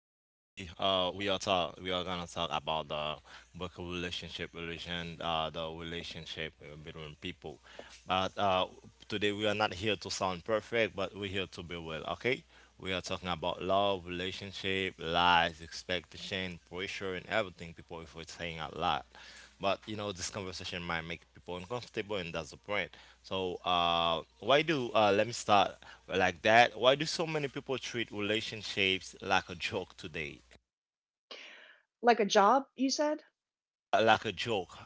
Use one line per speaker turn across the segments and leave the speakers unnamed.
uh, we are talk we are gonna talk about the book of relationship relation the relationship between people. But today we are not here to sound perfect, but we're here to be well. Okay. We are talking about love, relationship, lies, expectation, pressure, and everything people if we're saying a lot. But this conversation might make people uncomfortable, and that's the point. So, why do let me start like that. Why do so many people treat relationships like a joke today?
Like a job, you said?
Like a joke.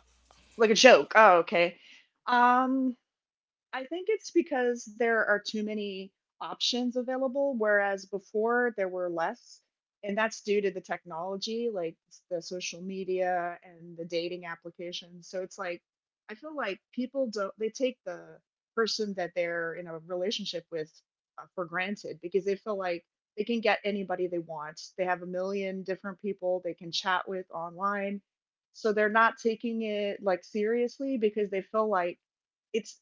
Like a joke. Oh, okay. Um, I think it's because there are too many options available, whereas before there were less. And that's due to the technology, like the social media and the dating applications. So it's like, I feel like people don't, they take the person that they're in a relationship with for granted because they feel like they can get anybody they want. They have a million different people they can chat with online. So they're not taking it like seriously because they feel like it's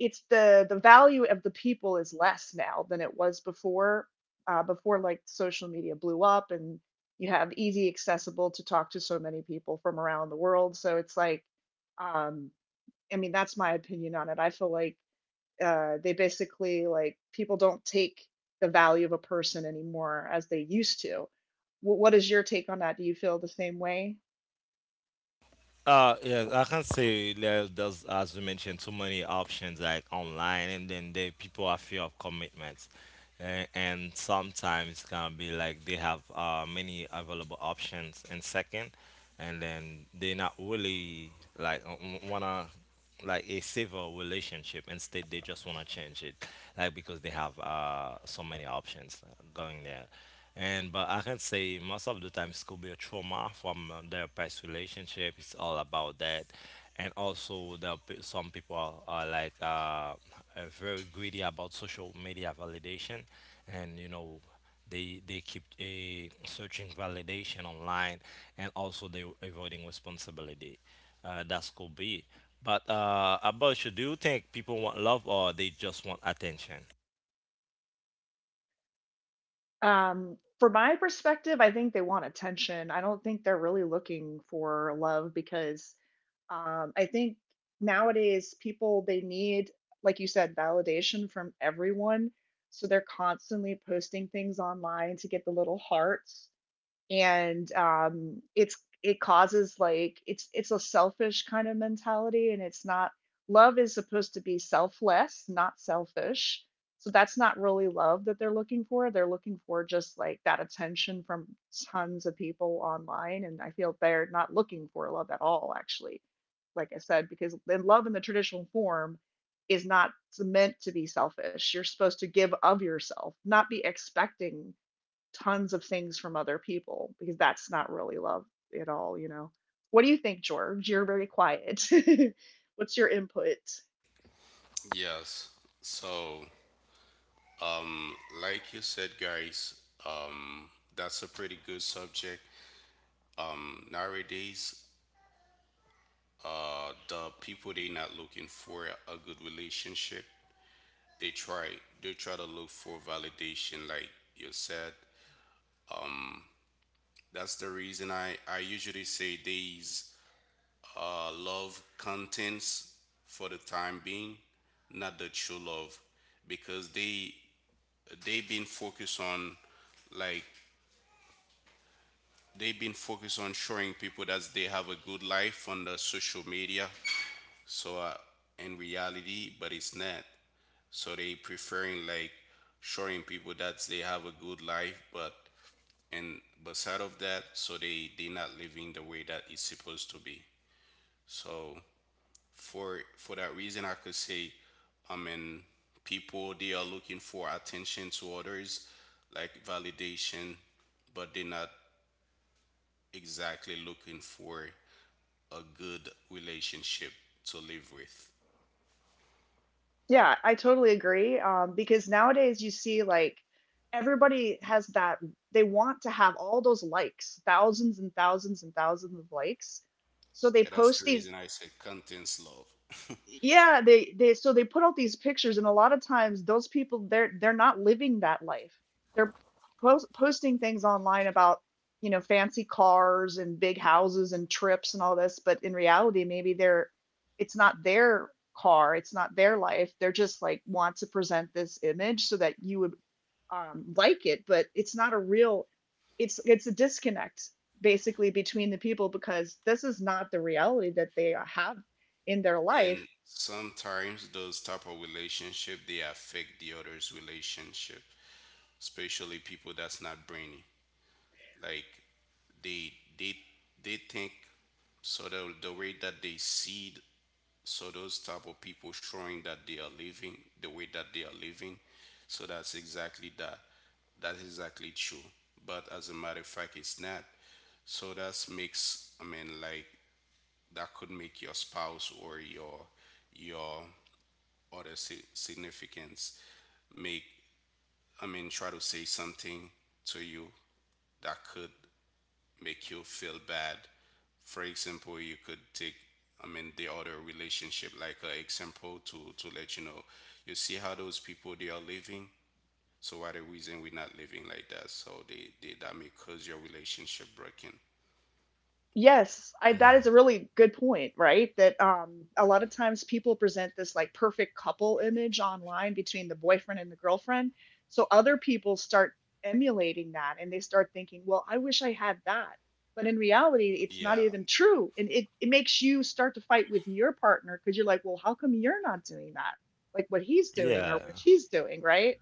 it's the value of the people is less now than it was before before like social media blew up, and you have easy accessible to talk to so many people from around the world. So it's like, um I mean that's my opinion on it. I feel like they basically like people don't take the value of a person anymore as they used to. What is your take on that? Do you feel the same way?
Yeah, I can say there's, as you mentioned, too many options like online, and then the people are fear of commitments, and sometimes can be like they have many available options in second, and then they not really like wanna like a civil relationship. Instead, they just want to change it, like because they have so many options going there. And but I can say most of the time it could be a trauma from their past relationship. It's all about that, and also some people are like very greedy about social media validation, and they keep searching validation online, and also they avoiding responsibility. That could be. But about you, do you think people want love or they just want attention?
From my perspective, I think they want attention. I don't think they're really looking for love because I think nowadays like you said, validation from everyone. So they're constantly posting things online to get the little hearts, and it's it causes like it's a selfish kind of mentality, and it's not, love is supposed to be selfless, not selfish. So that's not really love that they're looking for. They're looking for just like that attention from tons of people online, and I feel they're not looking for love at all actually, like I said, because then love in the traditional form is not meant to be selfish. You're supposed to give of yourself, not be expecting tons of things from other people, because that's not really love at all, you know. What do you think, George? You're very quiet. What's your input?
Yes. So, um, like you said, guys, um, that's a pretty good subject. Nowadays, the people they not looking for a good relationship. They try they try to look for validation, like you said. That's the reason I usually say these love contents for the time being, not the true love, because they been focused on like they've been focused on showing people that they have a good life on the social media. So in reality, but it's not. So they preferring like showing people that they have a good life, but and beside of that, so they not living the way that it's supposed to be. So for that reason, I could say, I mean, people they are looking for attention to others, like validation, but they're not exactly looking for a good relationship to live with.
Yeah, I totally agree. Because nowadays you see like everybody has that, they want to have all those likes, thousands and thousands and thousands of likes. So they
Yeah, that's
post
the
these,
reason I said contents love.
yeah, they so they put out these pictures, and a lot of times those people, they're not living that life. They're posting things online about, you know, fancy cars and big houses and trips and all this, but in reality maybe they're, it's not their car, it's not their life. They're just like want to present this image so that you would, like it, but it's not a real, it's a disconnect basically between the people, because this is not the reality that they have in their
And
life.
sometimes those type of relationship they affect the other's relationship, especially people that's not brainy. Like they they they think so the way that they see. So those type of people showing that they are living the way that they are living. So that's exactly that. That's exactly true. But as a matter of fact, it's not. So that makes I mean like that could make your spouse or your other significance make I mean try to say something to you that could make you feel bad. For example, you could take, I mean, the other relationship like an example to let you know. You see how those people they are living. So why the reason we're not living like that? So they that may cause your relationship breaking.
Yes, I,
No.
that is a really good point, right? That a lot of times people present this like perfect couple image online between the boyfriend and the girlfriend. So other people start emulating that, and they start thinking, "Well, I wish I had that." But in reality, it's not
Yeah,
even true. And it makes you start to fight with your partner cuz you're like, "Well, how come you're not doing that?" Like what he's doing or
Yeah.
what she's doing, right?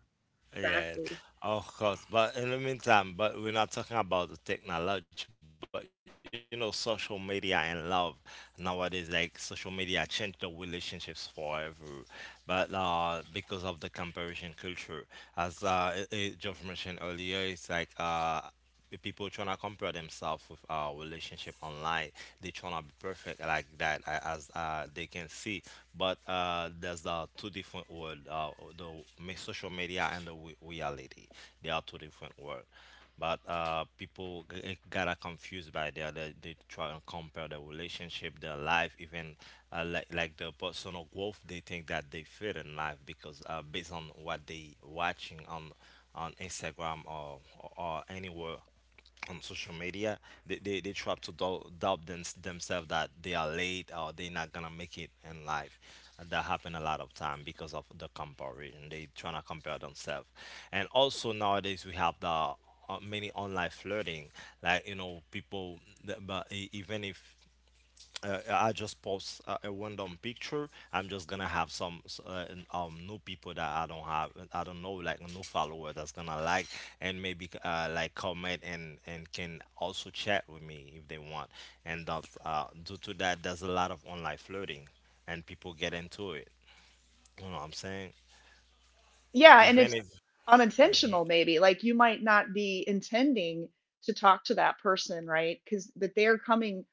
Yes,
Exactly.
of course. But in the meantime, but we're not talking about the technology, but you know, social media and love nowadays, like social media changed the relationships forever. But because of the comparison culture, as Geoff mentioned earlier, it's like the people trying to compare themselves with our relationship online, they trying to be perfect like that as they can see. But uh, there's the two different world the social media and the reality, they are two different world. But people gotta confused by that, they try to compare their relationship, their life, even like the personal growth. They think that they fit in life because based on what they watching on Instagram, or anywhere on social media, they try to doubt themselves that they are late or they're not gonna make it in life. That happen a lot of time because of the comparison. They trying to compare themselves. And also nowadays we have the many online flirting. Like you know, people, but even if I just post a random picture, I'm just gonna have some new people that I don't know, like new follower that's gonna like and maybe like comment and can also chat with me if they want. Due to that, there's a lot of online flirting, and people get into it. You know what I'm saying?
Yeah, and
Even
it's
if mm-hmm.
unintentional maybe. Like you might not be intending to talk to that person, right? Cuz but they're coming,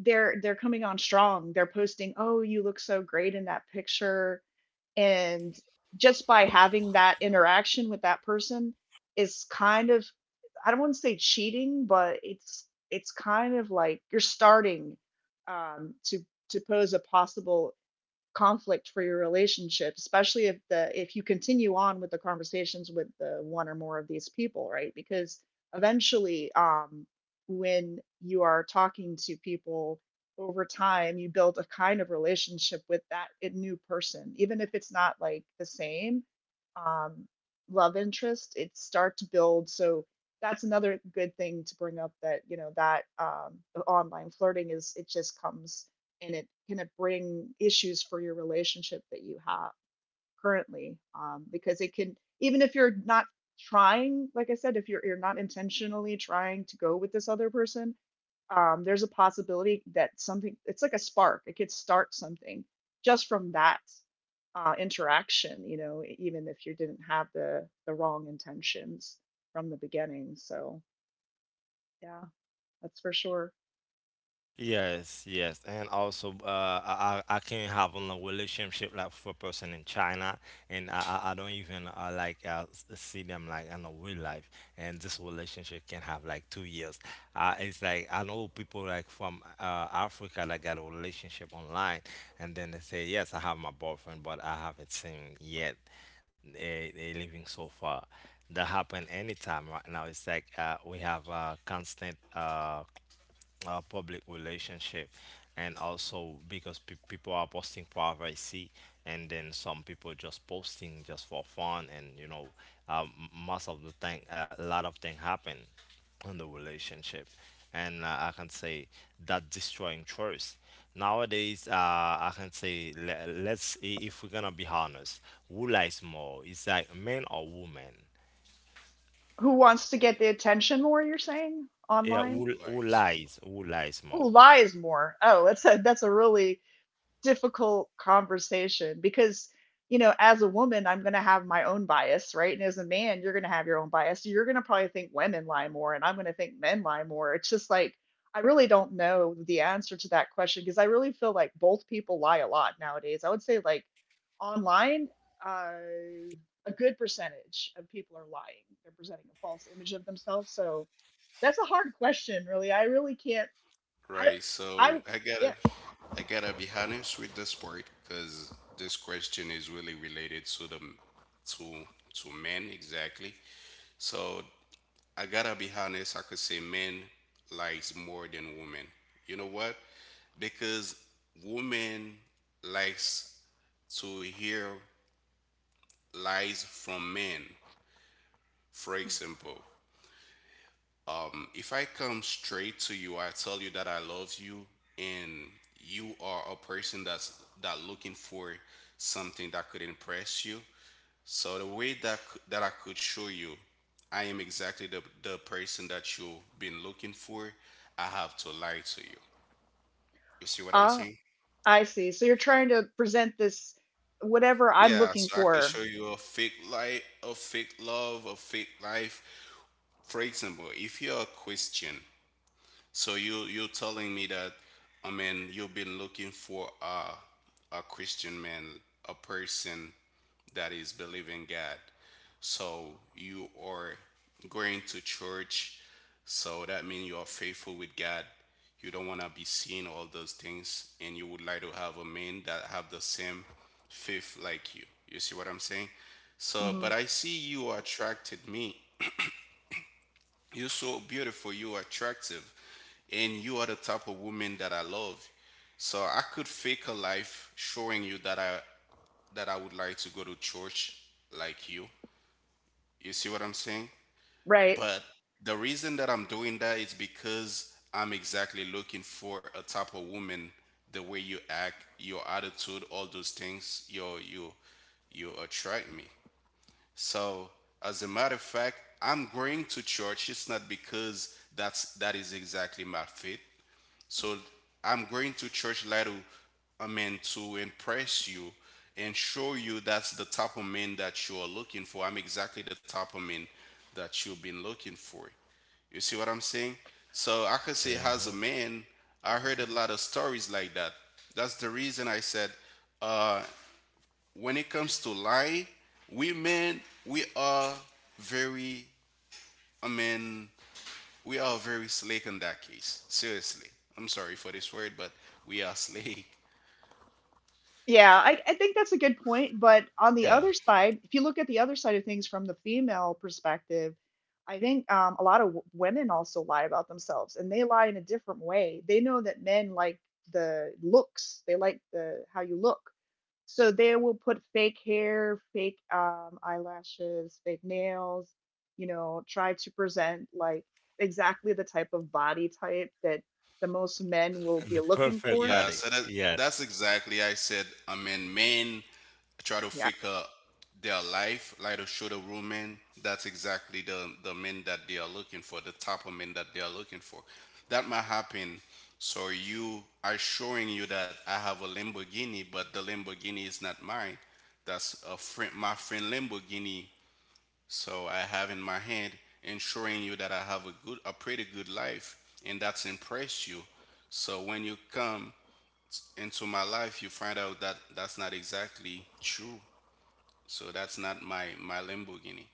they're coming on strong. They're posting, "Oh, you look so great in that picture." And just by having that interaction with that person is kind of, I don't want to say cheating, but it's kind of like you're starting um, to to pose a possible conflict for your relationship, especially if the if you continue on with the conversations with the one or more of these people, right? Because eventually when you are talking to people over time, you build a kind of relationship with that new person, even if it's not like the same um, love interest, it start to build. So that's another good thing to bring up, that you know that the online flirting is, it just comes, and it can, it bring issues for your relationship that you have currently, because it can, even if you're not trying, like I said, if you're not intentionally trying to go with this other person, there's a possibility that something, it's like a spark, it could start something just from that interaction, you know, even if you didn't have the wrong intentions from the beginning. So yeah, that's for sure.
Yes, yes, and also I can have a long relationship like for a person in China, and I don't even see them like in a real life, and this relationship can have like 2 years. It's like I know people like from Africa that got a relationship online, and then they say yes, I have my boyfriend, but I haven't seen yet. They living so far. That happen anytime right now. It's like we have a constant public relationship, and also because people are posting privacy, and then some people just posting just for fun and you know um, Most of the thing a lot of thing happen in the relationship, and I can say that destroying trust nowadays. I can say, let's if we're gonna be honest, who lies more, it's like men or women?
Who wants to get the attention more, you're saying
yeah
online?
who, who
like
lies who lies more?
Who lies more? Oh, that's a really difficult conversation, because you know, as a woman, I'm going to have my own bias, right? And as a man, you're going to have your own bias. You're going to probably think women lie more, and I'm going to think men lie more. It's just like, I really don't know the answer to that question because I really feel like both people lie a lot nowadays. I would say like online, uh, a good percentage of people are lying. They're presenting a false image of themselves. So that's a hard question, really. I really can't, I,
right. So
I'm
I gotta,
yeah.
I gotta be honest with this part because this question is really related to the to to men exactly. So I gotta be honest, I could say men likes more than women. You know what? Because women likes to hear lies from men. For example, if I come straight to you, I tell you that I love you and you are a person that's that looking for something that could impress you. So the way that I could show you, I am exactly the person that you've been looking for. I have to lie to you. You see what I'm
Ah,
saying?
I see. So you're trying to present this whatever I'm
Yeah,
looking
so I could
for.
show you a fake life, a fake love, a fake life. For example, if you're a Christian. So you're telling me that I mean you've been looking for a Christian man, a person that is believing God. So you are going to church. So that means you are faithful with God. You don't want to be seeing all those things, and you would like to have a man that have the same faith like you. You see what I'm saying? So,
Hmm.
but I see you attracted me, you're so beautiful. You are attractive. And you are the type of woman that I love. So I could fake a life showing you that I would like to go to church like you. You see what I'm saying?
Right.
But the reason that I'm doing that is because I'm exactly looking for a type of woman, the way you act, your attitude, all those things, you you attract me. So, as a matter of fact, I'm going to church. It's not because that is exactly my faith. So, I'm going to church like to, I mean, to impress you and show you that's the type of man that you are looking for. I'm exactly the type of man that you've been looking for. You see what I'm saying? So I could say, as a
Mhm.
man, I heard a lot of stories like that. That's the reason I said, uh, when it comes to lie, we men very I mean we are very slick in that case. Seriously. I'm sorry for this word, but we are slick.
Yeah, I think that's a good point. But on the
Yeah.
other side, if you look at the other side of things from the female perspective, I think a lot of women also lie about themselves, and they lie in a different way. They know that men like the looks, they like the how you look. So they will put fake hair, fake eyelashes, fake nails, you know, try to present like exactly the type of body type that the most men will be
The
looking
perfect
for.
Yeah,
body.
so that
Yeah.
that's exactly I said. I mean, men try to
Yeah.
figure their life, like to show the real men. That's exactly the men that they are looking for, the type of men that they are looking for. That might happen. So you are showing you that I have a Lamborghini, but the Lamborghini is not mine. That's a friend, my friend Lamborghini. So I have in my hand, and showing you that I have a good, a pretty good life, and that's impress you. So when you come into my life, you find out that that's not exactly true. So that's not my Lamborghini.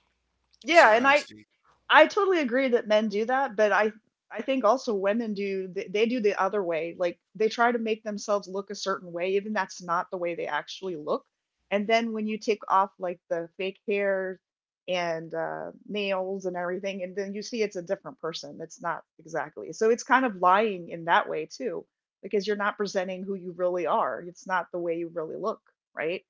You see
Yeah.
what
And
I'm saying?
I totally agree that men do that, but I think also women do they do the other way. Like they try to make themselves look a certain way, even that's not the way they actually look. And then when you take off like the fake hair and nails and everything, and then you see it's a different person. It's not exactly. So it's kind of lying in that way too, because you're not presenting who you really are. It's not the way you really look, right?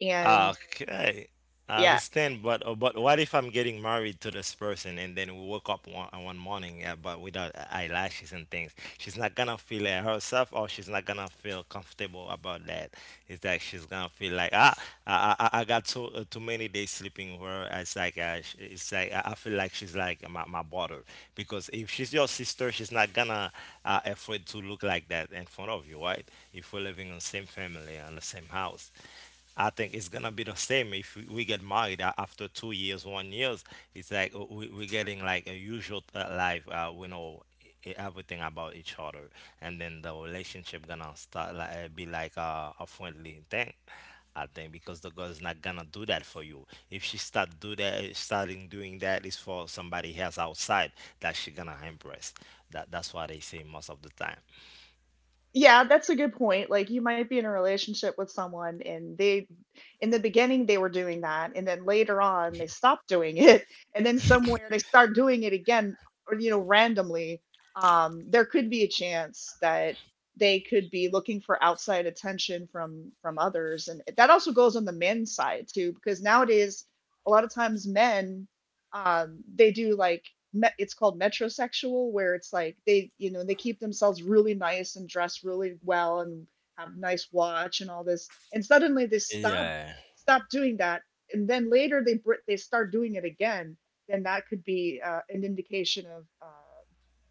And
Okay, I
yeah,
understand, but what if I'm getting married to this person and then we woke up one morning, but without eyelashes and things? She's not gonna feel it herself or she's not gonna feel comfortable about that. It's that she's gonna feel like, ah, I got so too many days sleeping with her. It's like it's like I feel like she's like my brother, because if she's your sister she's not gonna afraid to look like that in front of you, right? If we're living in the same family and the same house, I think it's gonna be the same if we get married after 2 years, 1 years. It's like we're getting like a usual life. We know everything about each other, and then the relationship gonna start like be like a friendly thing, I think, because the girl's not gonna do that for you. If she starting doing that is for somebody else outside, that she gonna impress. That that's what they say most of the time.
yeah, that's a good point. Like you might be in a relationship with someone, and they in the beginning they were doing that, and then later on they stopped doing it and then somewhere they start doing it again, or you know, randomly. There could be a chance that they could be looking for outside attention from others, and that also goes on the men's side too, because nowadays a lot of times men they do like, it's called metrosexual, where it's like they, you know, they keep themselves really nice and dress really well and have nice watch and all this, and suddenly they stop
Yeah.
stop doing that, and then later they they start doing it again. Then that could be an indication of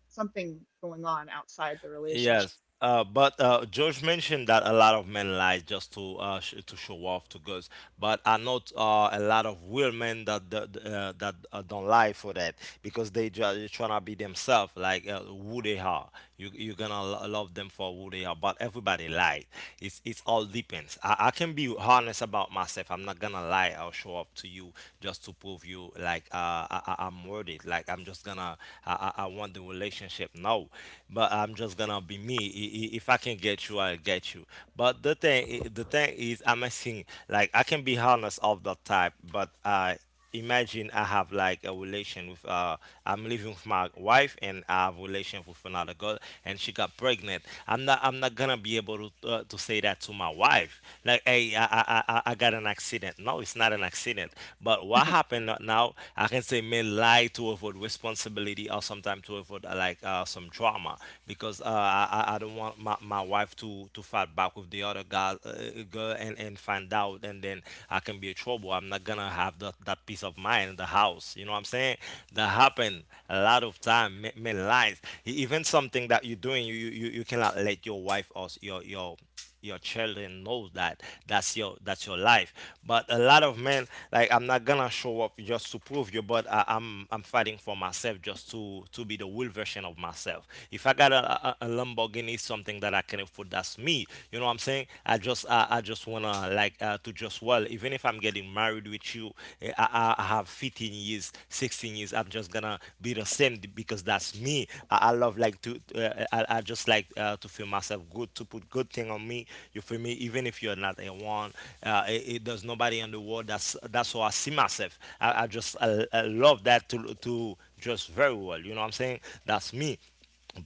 something going on outside the relationship.
Yes. But George mentioned that a lot of men lie just to to show off to girls, but I know a lot of real men that don't lie for that, because they just trying to be themselves, like who they are. You you're gonna love them for who they are, but everybody lies. It's all depends. I can be honest about myself. I'm not gonna lie. I'll show up to you just to prove you like I- I'm worth it. Like I'm just gonna, I want the relationship, no, but I'm just gonna be me. If I can get you I'll get you. But the thing the thing is I'm asking, like I can be honest of that type, but I imagine I have like a relation with I'm living with my wife and I have relation with another girl and she got pregnant. I'm not gonna be able to say that to my wife, like hey I got an accident. No, it's not an accident. But what happened now, I can say men lie to avoid responsibility or sometimes to avoid some drama, because I don't want my wife to fight back with the other girl, and find out, and then I can be in trouble. I'm not gonna have that peace of mind in the house. You know what I'm saying? That happened a lot of time. Men lies. Even something that you're doing, you cannot let your wife or your children knows that that's your, that's your life. But a lot of men, like, I'm not gonna show up just to prove you, but I'm I'm fighting for myself just to be the real version of myself. If I got a lamborghini, something that I can afford, that's me, you know what I'm saying? I just I just wanna like, to just well, even if I'm getting married with you, I have 15 years, 16 years, I'm just gonna be the same because that's me. I love like to, I just like, to feel myself good, to put good thing on me, you feel me, even if you're not a one. There's nobody in the world that's how I see myself. I love that, to just very well, you know what I'm saying? That's me.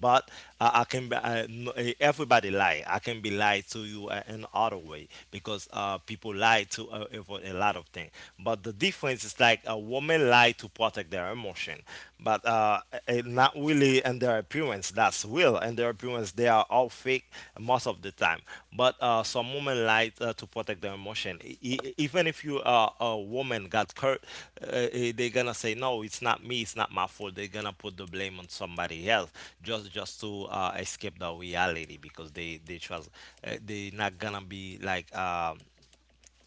But I can be, everybody lie. I can be lied to you in other way because people lie to avoid a lot of things. But the difference is like a woman lie to protect their emotion, but not really in their appearance. That's real. In their appearance, they are all fake most of the time. But some women like to protect their emotion. Even if you are a woman got hurt, uh, they're gonna say no, it's not me, it's not my fault. They're gonna put the blame on somebody else just to escape the reality, because they trust they're not gonna be like. Um,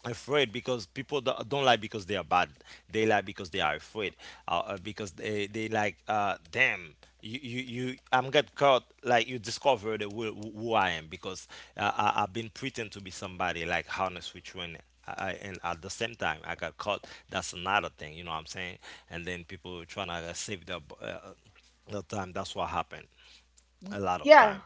afraid because people don't lie because they are bad, they lie because they are afraid, because they like, damn, you I'm get caught, like you discovered who I am, because I've been pretend to be somebody like honest with you, and at the same time I got caught, that's another thing. You know what I'm saying? And then people trying to save the time, that's what happened a
Y-
lot of time.
yeah,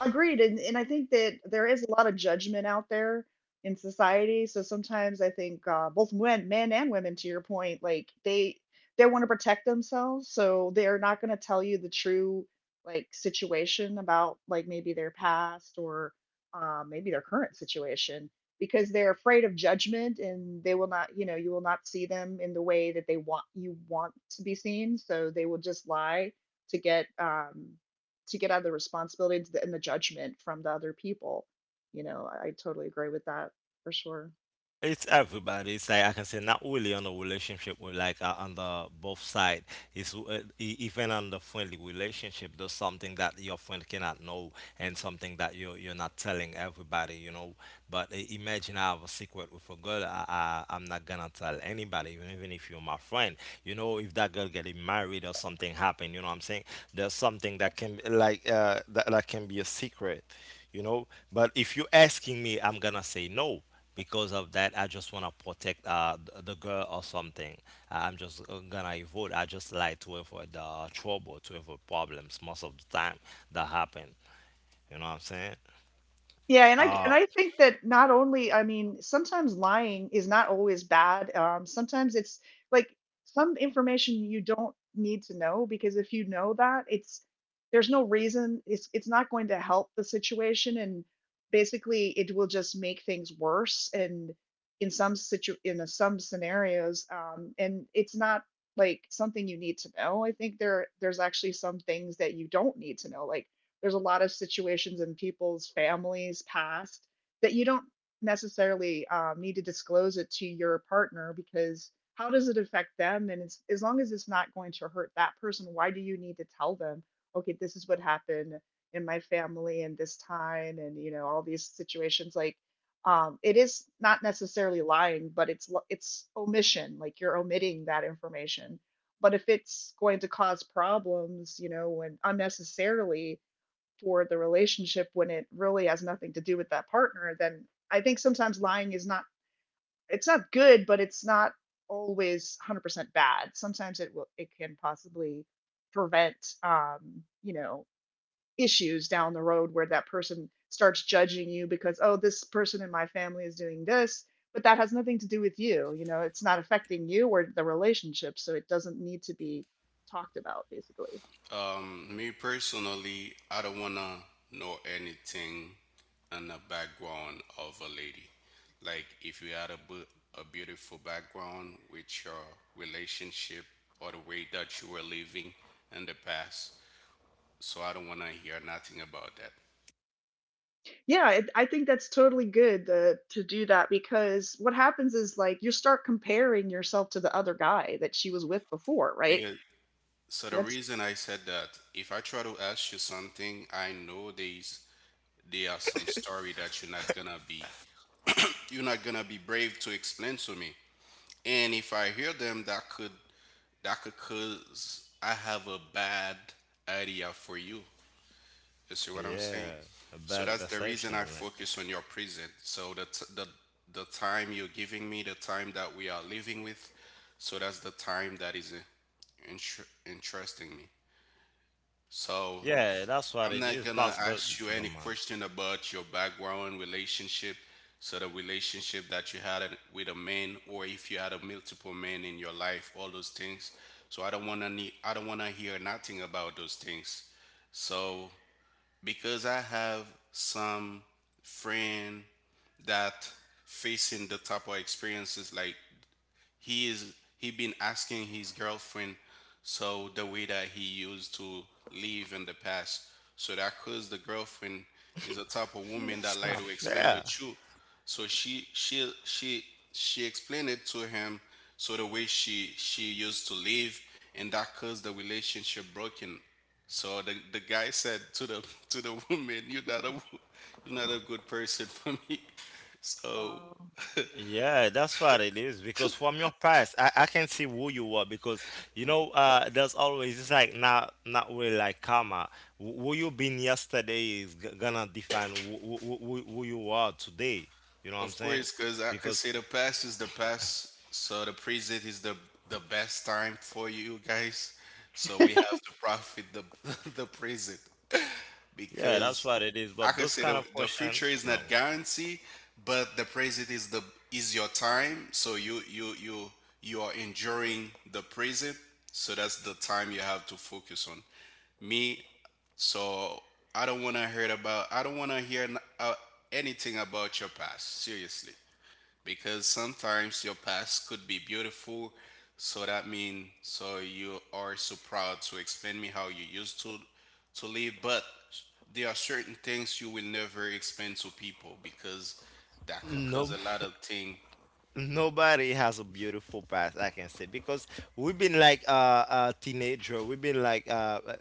agreed. And I think that there is a lot of judgment out there in society. So sometimes I think both men and women, to your point, like they want to protect themselves, so they're not going to tell you the true like situation about like maybe their past, or maybe their current situation, because they're afraid of judgment, and they will not, you know, you will not see them in the way that they want you want to be seen, so they will just lie to get um, to get out of the responsibility and the judgment from the other people. You know, I totally agree with that for sure.
It's everybody. It's like I can say not only on the relationship, but like, on the both side. It's, even on the friendly relationship. There's something that your friend cannot know, and something that you're not telling everybody. You know. But imagine I have a secret with a girl. I'm not gonna tell anybody, even if you're my friend. You know, if that girl getting married or something happen, you know what I'm saying? There's something that can, like, that can be a secret. You know. But if you're asking me, I'm gonna say no, because of that I just want to protect the girl or something. I'm just, gonna avoid, I just like to avoid the trouble, to avoid problems most of the time that happen. You know what I'm saying?
Yeah, and
Oh,
I think that not only, I mean, sometimes lying is not always bad. Sometimes it's like some information you don't need to know, because if you know that, it's, there's no reason, it's not going to help the situation, and basically it will just make things worse, and in some situ in some scenarios, and it's not like something you need to know. I think there's actually some things that you don't need to know, like there's a lot of situations in people's families past that you don't necessarily need to disclose it to your partner. Because how does it affect them? And as long as it's not going to hurt that person, why do you need to tell them, "Okay, this is what happened in my family and this time," and you know all these situations. Like it is not necessarily lying, but it's omission, like you're omitting that information. But if it's going to cause problems, you know, when unnecessarily for the relationship, when it really has nothing to do with that partner, then I think sometimes lying is not— it's not good, but it's not always 100% bad. Sometimes it can possibly prevent um, you know, issues down the road where that person starts judging you because, oh, this person in my family is doing this, but that has nothing to do with you. You know, it's not affecting you or the relationship, so it doesn't need to be talked about, basically.
Me personally, I don't wanna know anything in the background of a lady. Like if you had a beautiful background with your relationship or the way that you were living in the past. So I don't wanna hear nothing about that
Yeah, I think that's totally good to do that, because what happens is, like, you start comparing yourself to the other guy that she was with before, right?
because. So the
That's—
reason I said that, if I try to ask you something, I know there are some story that you're not gonna be brave to explain to me. And if I hear them, that could cause I have a bad idea for you. You see what I'm saying?
yeah. A
So
bad
that's the reason
perception,
I
like.
focus on your present. So the t- the time you're giving me, the time that we are living with, so that's the time that is interesting me. So
Yeah, that's what
I'm
it
not
is,
gonna
plus
ask you
the
any
matter.
question about your background relationship, so the relationship that you had it with a man, or if you had a multiple men in your life, all those things. So I don't wanna need, I don't wanna hear nothing about those things. So because I have some friend that facing the type of experiences like he been asking his girlfriend, so the way that he used to live in the past, so that cause the girlfriend is a type of woman that
That's
like
not
to explain the
fair.
truth, so she explained it to him, so the way she used to live, and that caused the relationship broken. So the guy said to the to the woman, "You're not you're not a good person for me." So.
oh.
Yeah, that's what it is. Because from your past, I can see who you are. Because, you know, there's always, it's like not really like karma. Who you been yesterday is g gonna define who you are today. You know what I'm
Of
saying?
course, because I could
Because
say the past is the past, so the present is the best time for you guys. So we have to profit the the present
yeah,
Y-
that's
because
what it is.
I
But
could
those
say
kind
the
of
the
question,
future is not
no.
guarantee, but the present is the is your time. So you are enduring the present. So that's the time you have to focus on. Me, so I don't want to hear about. I don't want to hear anything about your past. Seriously, because sometimes your past could be beautiful. So that means so you are so proud to explain me how you used to live, but there are certain things you will never explain to people because that could cause
No.
a lot of things.
Nobody has a beautiful past, I can say, because we've been like, a teenager. We've been like, uh, uh,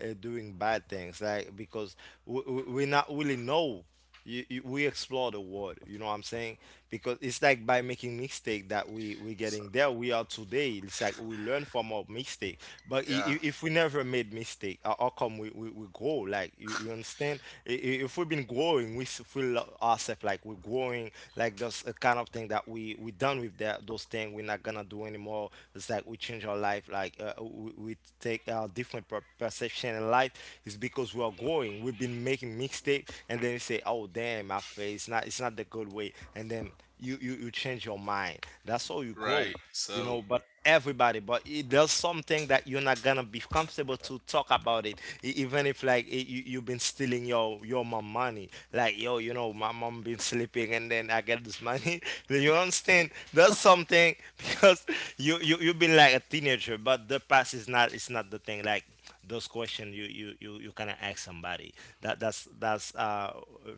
uh, doing bad things, like, because we not really know. We explore the world, you know what I'm saying? Because it's like by making mistake that we
So,
getting there. We are today. It's like we learn from our mistake. But
yeah,
if we never made mistake, how come we grow? Like you understand? Understand? If we've been growing, we feel ourselves like we're growing, like that's a kind of thing that we done with that those things. We're not gonna do anymore. It's like we change our life, like, we take our different perception in life. It's because we are growing. We've been making mistakes, and then you say, "Oh damn, my face, it's not the good way," and then you change your mind. That's how you grow.
right.
You
So.
know, but everybody, but it does something that you're not gonna be comfortable to talk about it. Even if, like, I you've been stealing your mom money, like, yo you know, my mom been sleeping and then I get this money. Then you understand, that's something. Because you, you've been like a teenager, but the past is not, it's not the thing, like, those questions you kind of ask somebody, that's,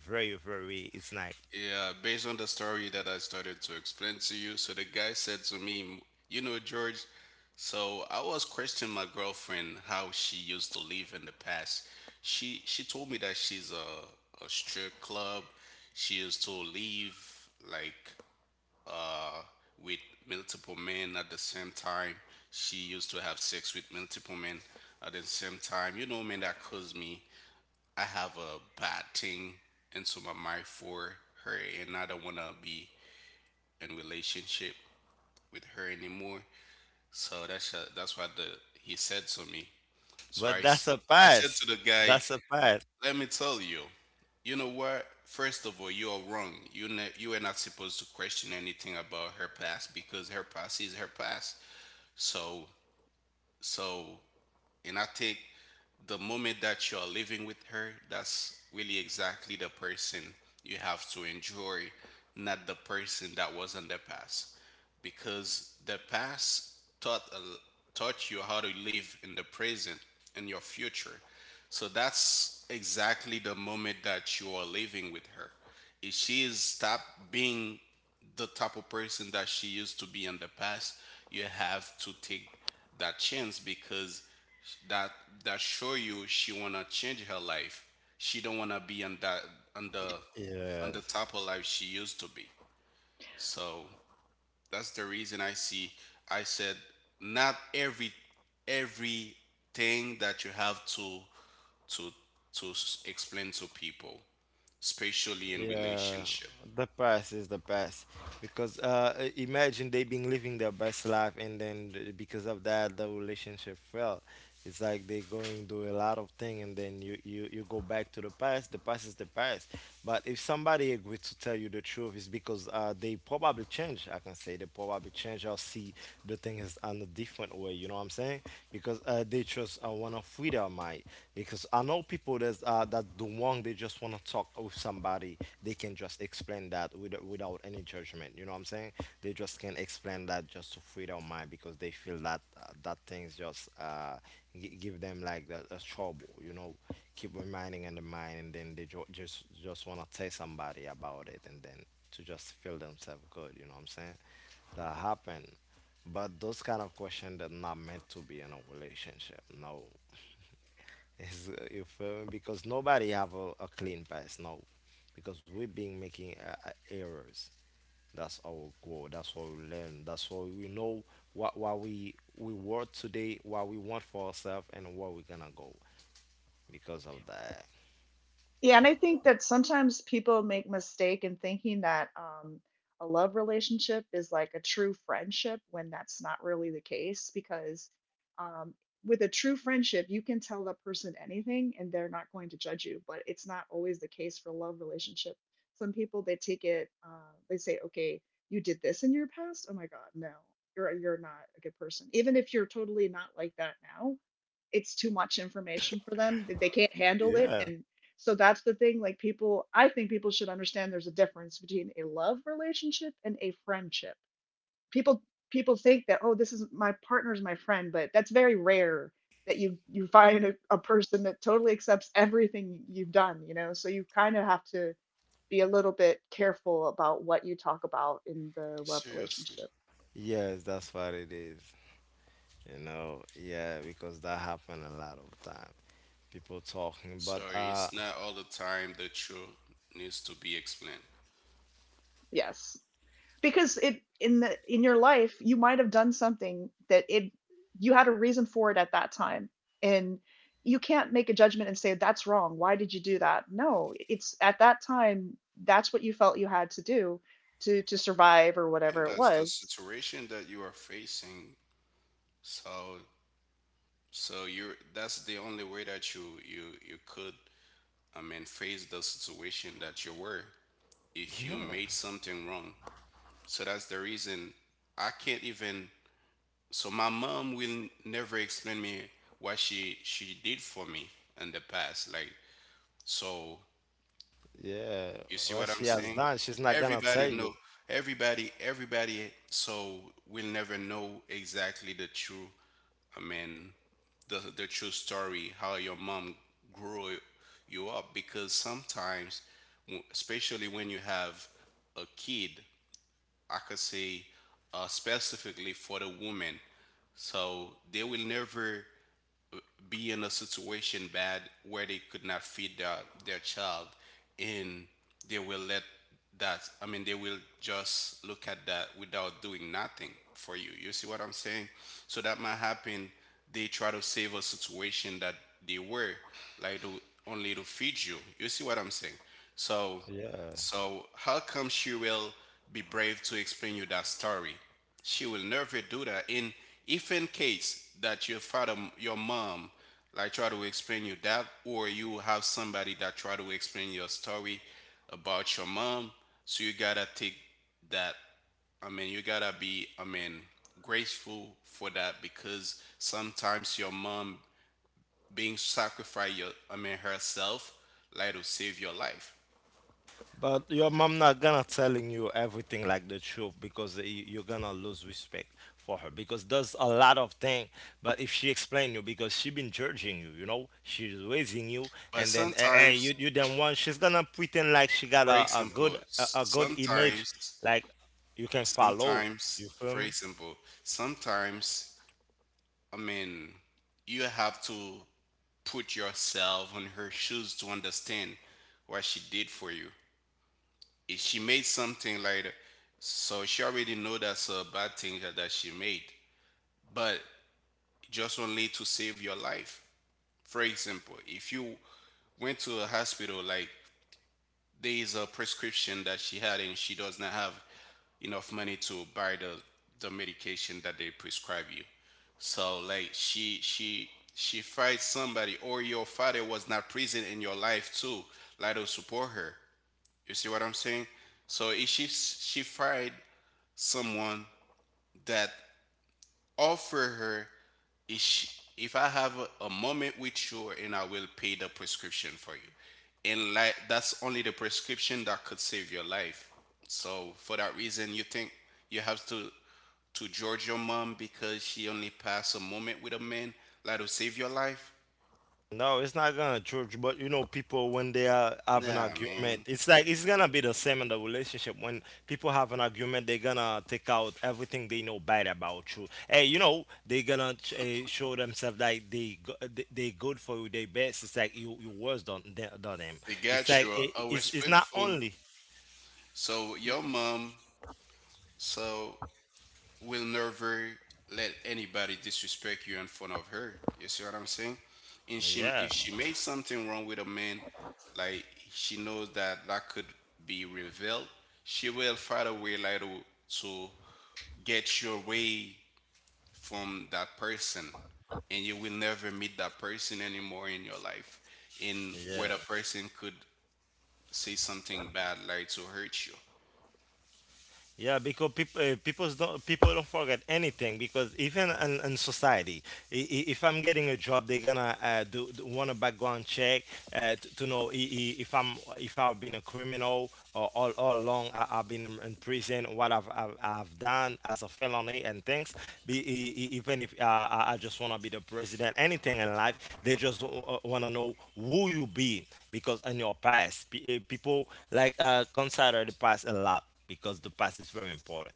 very, very, it's nice.
Yeah, based on the story that I started to explain to you, so the guy said to me, "You know, George, so I was questioning my girlfriend how she used to live in the past. She told me that she's a strip club. She used to live like uh with multiple men at the same time. She used to have sex with multiple men at the same time. You know, man, that caused me. I have a bad thing into my mind for her, and I don't want to be in relationship with her anymore." So that's, that's what the he said to me. So
But that's a
I said
pass.
to the guy,
That's a pass.
"Let me tell you, you know what? First of all, you are wrong. You are not supposed to question anything about her past because her past is her past." So so, and I think the moment that you're living with her, that's really exactly the person you have to enjoy, not the person that was in the past, because the past taught a l- taught you how to live in the present, in your future. So that's exactly the moment that you are living with her. If she is stop being the type of person that she used to be in the past, you have to take that chance because that that show you she wanna change her life. She don't wanna be on that, on the
Yeah.
on the type of life she used to be. So that's the reason I see. I said not everything that you have to to explain to people, especially in
Yeah,
relationship.
the past is the best. Because imagine they've been living their best life, and then because of that the relationship fell. It's like they going do a lot of thing, and then you go back to the past. The past is the past. But if somebody agreed to tell you the truth, it's because, they probably change. I can say they probably change, or see the thing is on a different way. You know what I'm saying? Because, they just, want to free their mind. Because I know people that, that the one they just want to talk with somebody, they can just explain that without any judgment. You know what I'm saying? They just can explain that just to free their mind, because they feel that, that things just, give them, like, the trouble. You know, keep reminding in the mind, and then they just want to tell somebody about it, and then to just feel themselves good. You know what I'm saying? That happen. But those kind of questions are not meant to be in a relationship. No. Is, you feel me? Because nobody have a clean pass now, because we've been making errors. That's our goal. That's what we learn. That's what we know. What we work today, what we want for ourselves, and where we're gonna go, because of that.
Yeah, and I think that sometimes people make mistake in thinking that a love relationship is like a true friendship, when that's not really the case. Because um, with a true friendship, you can tell the person anything and they're not going to judge you. But it's not always the case for a love relationship. Some people they take it, they say, "Okay, you did this in your past. Oh my God, no, you're not a good person." Even if you're totally not like that now, it's too much information for them. They can't handle it,
Yeah.
and so that's the thing. Like, people, I think people should understand there's a difference between a love relationship and a friendship. People people think that, oh, this is my partner's my friend, but that's very rare that you find a person that totally accepts everything you've done. You know, so you kind of have to be a little bit careful about what you talk about in the love
Seriously.
relationship.
Yes, that's what it is. You know, yeah, because that happened a lot of time. People talking, but,
Sorry, it's not all the time the truth needs to be explained.
Yes. Because it in the— in your life you might have done something that it you had a reason for it at that time. And you can't make a judgment and say, "That's wrong, why did you do that?" No, it's at that time that's what you felt you had to do to survive, or
And
whatever it
that's the
was.
situation that you are facing. So so you're that's the only way that you could I mean face the situation that you were if you
yeah,
made something wrong. So that's the reason I can't even. So my mom will never explain me what she did for me in the past. Like so,
yeah.
you see
What
what I'm
she has
saying?
done, she's not gonna
Everybody
tell
know.
you.
Everybody, everybody. So will never know exactly the true. I mean, the true story how your mom grew you up because sometimes, especially when you have a kid I could say specifically for the woman. So they will never be in a situation bad where they could not feed their child and they will let that I mean they will just look at that without doing nothing for you. You see what I'm saying? So that might happen they try to save a situation that they were like to only to feed you. You see what I'm saying? So
Yeah.
so, how come she will be brave to explain you that story? She will never do that. And if in case that your mom, like try to explain you that, or you have somebody that try to explain your story about your mom, so you gotta take that. I mean, you gotta be, I mean, grateful for that because sometimes your mom being sacrificed, your, I mean, herself, like to save your life.
But your mom not gonna telling you everything like the truth, because you're gonna lose respect for her, because there's a lot of thing. But if she explain you, because she been judging you, you know, she's raising you,
But
and then,
sometimes
you you then one she's gonna pretend like she got
phrase simple.
a good image,
Sometimes,
like, you can follow. You
sometimes,
feel me?
phrase simple. Sometimes, I mean, you have to put yourself in her shoes to understand what she did for you. If she made something like that, so she already know that's a bad thing that she made, but just only to save your life. For example, if you went to a hospital, like there is a prescription that she had and she does not have enough money to buy the medication that they prescribe you so like she she fights somebody or your father was not present in your life too like to support her, you see what I'm saying? So if she fight someone that offer her, if, she, if I have a moment with you and I will pay the prescription for you. And like that's only the prescription that could save your life. So for that reason you think you have to judge your mom because she only passed a moment with a man that will save your life?
No, it's not gonna change. But you know, people when they are have an
Nah
argument,
man.
it's like it's gonna be the same in the relationship. When people have an argument, they're gonna take out everything they know bad about you. Hey, you know, they gonna, show themselves like they good for you, they best. It's like you worse than them.
We
It's
got
like
you a
it's not
respectful
only.
so your mom so will never let anybody disrespect you in front of her. You see what I'm saying? And she,
Yeah,
if she made something wrong with a man, like she knows that that could be revealed, she will find a way like to get your way from that person, and you will never meet that person anymore in your life. And where
yeah.
the person could say something bad, like to hurt you.
Yeah, because people don't forget anything, because even in society, if I'm getting a job, they're gonna, do want a background check, to know I- if I'm if I've been a criminal, or all along I've been in prison, what I've done as a felony and things. Even if, I just wanna be the president, anything in life, they just, wanna know who you be, because in your past, people like, consider the past a lot, because the past is very important.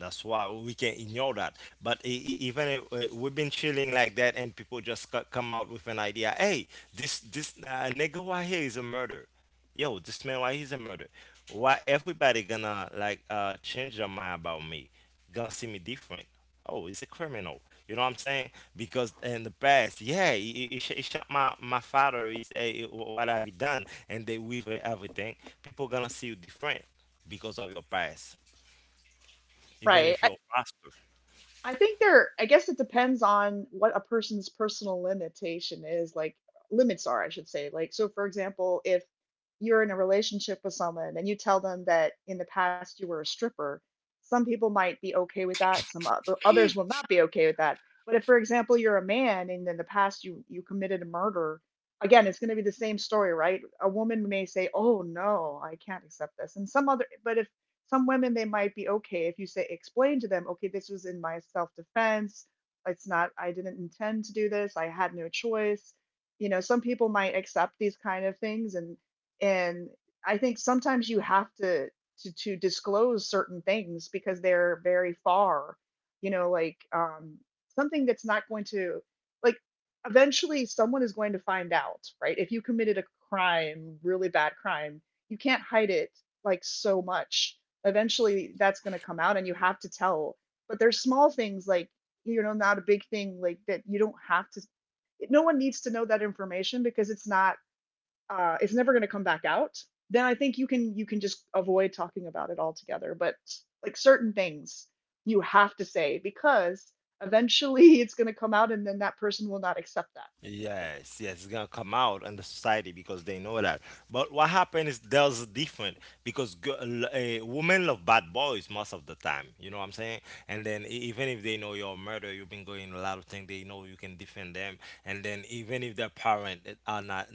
That's why we can't ignore that. But even if, we've been chilling like that, and people just come out with an idea, hey, this nigga right here is a murderer. Yo, this man right here is a murderer. Why everybody gonna, like, change their mind about me? Gonna see me different? Oh, he's a criminal. You know what I'm saying? Because in the past, yeah, he shot my father. Is, what have he done? And they with everything. People gonna see you different because of your past, even
Right.
if
I,
you're a pastor.
I think I guess it depends on what a person's personal limitation is, like, limits are, I should say. Like, so for example, if you're in a relationship with someone and you tell them that in the past you were a stripper, some people might be okay with that, some others will not be okay with that. But if, for example, you're a man and in the past you committed a murder, again, it's going to be the same story, right? A woman may say, "Oh no, I can't accept this," and some other. But if some women, they might be okay if you say, explain to them, okay, this was in my self defense, it's not— I didn't intend to do this, I had no choice. You know, some people might accept these kind of things, and I think sometimes you have to to disclose certain things because they're very far— you know, like, something that's not going to— like, eventually someone is going to find out, right? If you committed a crime, really bad crime, you can't hide it, like, so much. Eventually that's going to come out and you have to tell. But there's small things like, you know, not a big thing like that, you don't have to— no one needs to know that information because it's not— it's never going to come back out, then I think you can just avoid talking about it altogether. But like, certain things you have to say because eventually it's going to come out, and then that person will not accept that.
Yes, yes, it's gonna come out in the society because they know that. But what happened is there's different, because women love bad boys most of the time. You know what I'm saying? And then even if they know you're a murderer, you've been going a lot of things. They know you can defend them. And then even if their parents are not,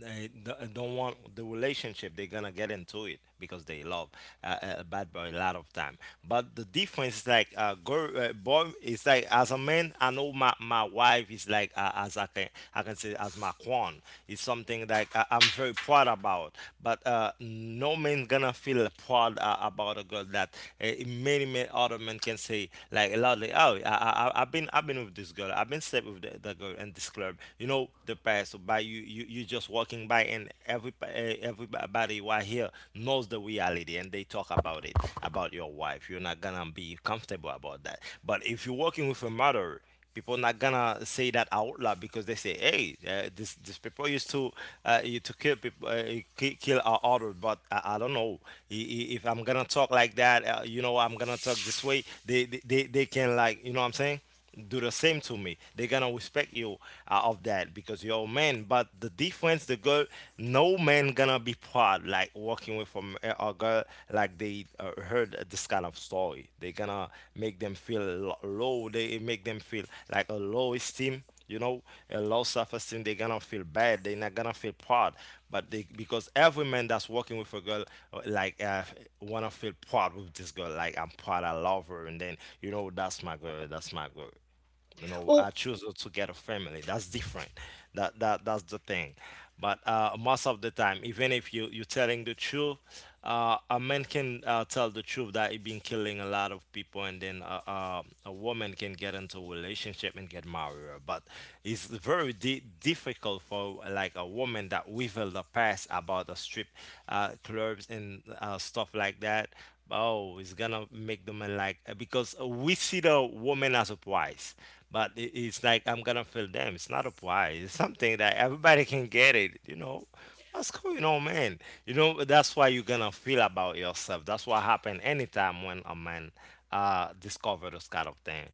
they don't want the relationship, they're gonna get into it because they love, a bad boy a lot of time. But the difference is like, girl, boy is like, as a man, I know my wife is like, as I can say, as my queen. It's something like I'm very proud about. But, no man gonna feel proud, about a girl that, many, many other men can say, like a lot, like, oh, I- have been I've been with this girl, I've been slept with the girl in this club. You know the past by. So by you just walking by, and everybody who are here knows the reality, and they talk about it about your wife, you're not gonna be comfortable about that. But if you're working with a mother, people not gonna say that out loud, because they say, hey, this people used to, you to kill people, kill our order, but I don't know if I'm gonna talk like that, you know, I'm gonna talk this way, they can, like, you know what I'm saying, do the same to me. They're gonna respect you, of that, because you're a man. But the difference, the girl, no man gonna be proud like walking with from a girl, like, they, heard this kind of story. They gonna make them feel low. They make them feel like a low esteem, you know, a low self-esteem. They're gonna feel bad, they're not gonna feel proud. But they because every man that's working with a girl, uh, like uh, wanna feel proud with this girl. Like, I'm proud, I love her. And then, you know, that's my girl, that's my girl. You know,
Well,
I choose to get a family. That's different That's the thing. But most of the time, even if you're telling the truth, a man can tell the truth that he been killing a lot of people, and then a woman can get into a relationship and get married. But it's very difficult for like a woman that reveal the past about the strip clubs and stuff like that. Oh, it's gonna make the man, like, because we see the woman as a prize. But it's like I'm gonna feel them. It's not a prize. It's something that everybody can get it, you know. What's going on, man? You know, that's why you're gonna feel about yourself. That's what happened anytime when a man discover this kind of thing.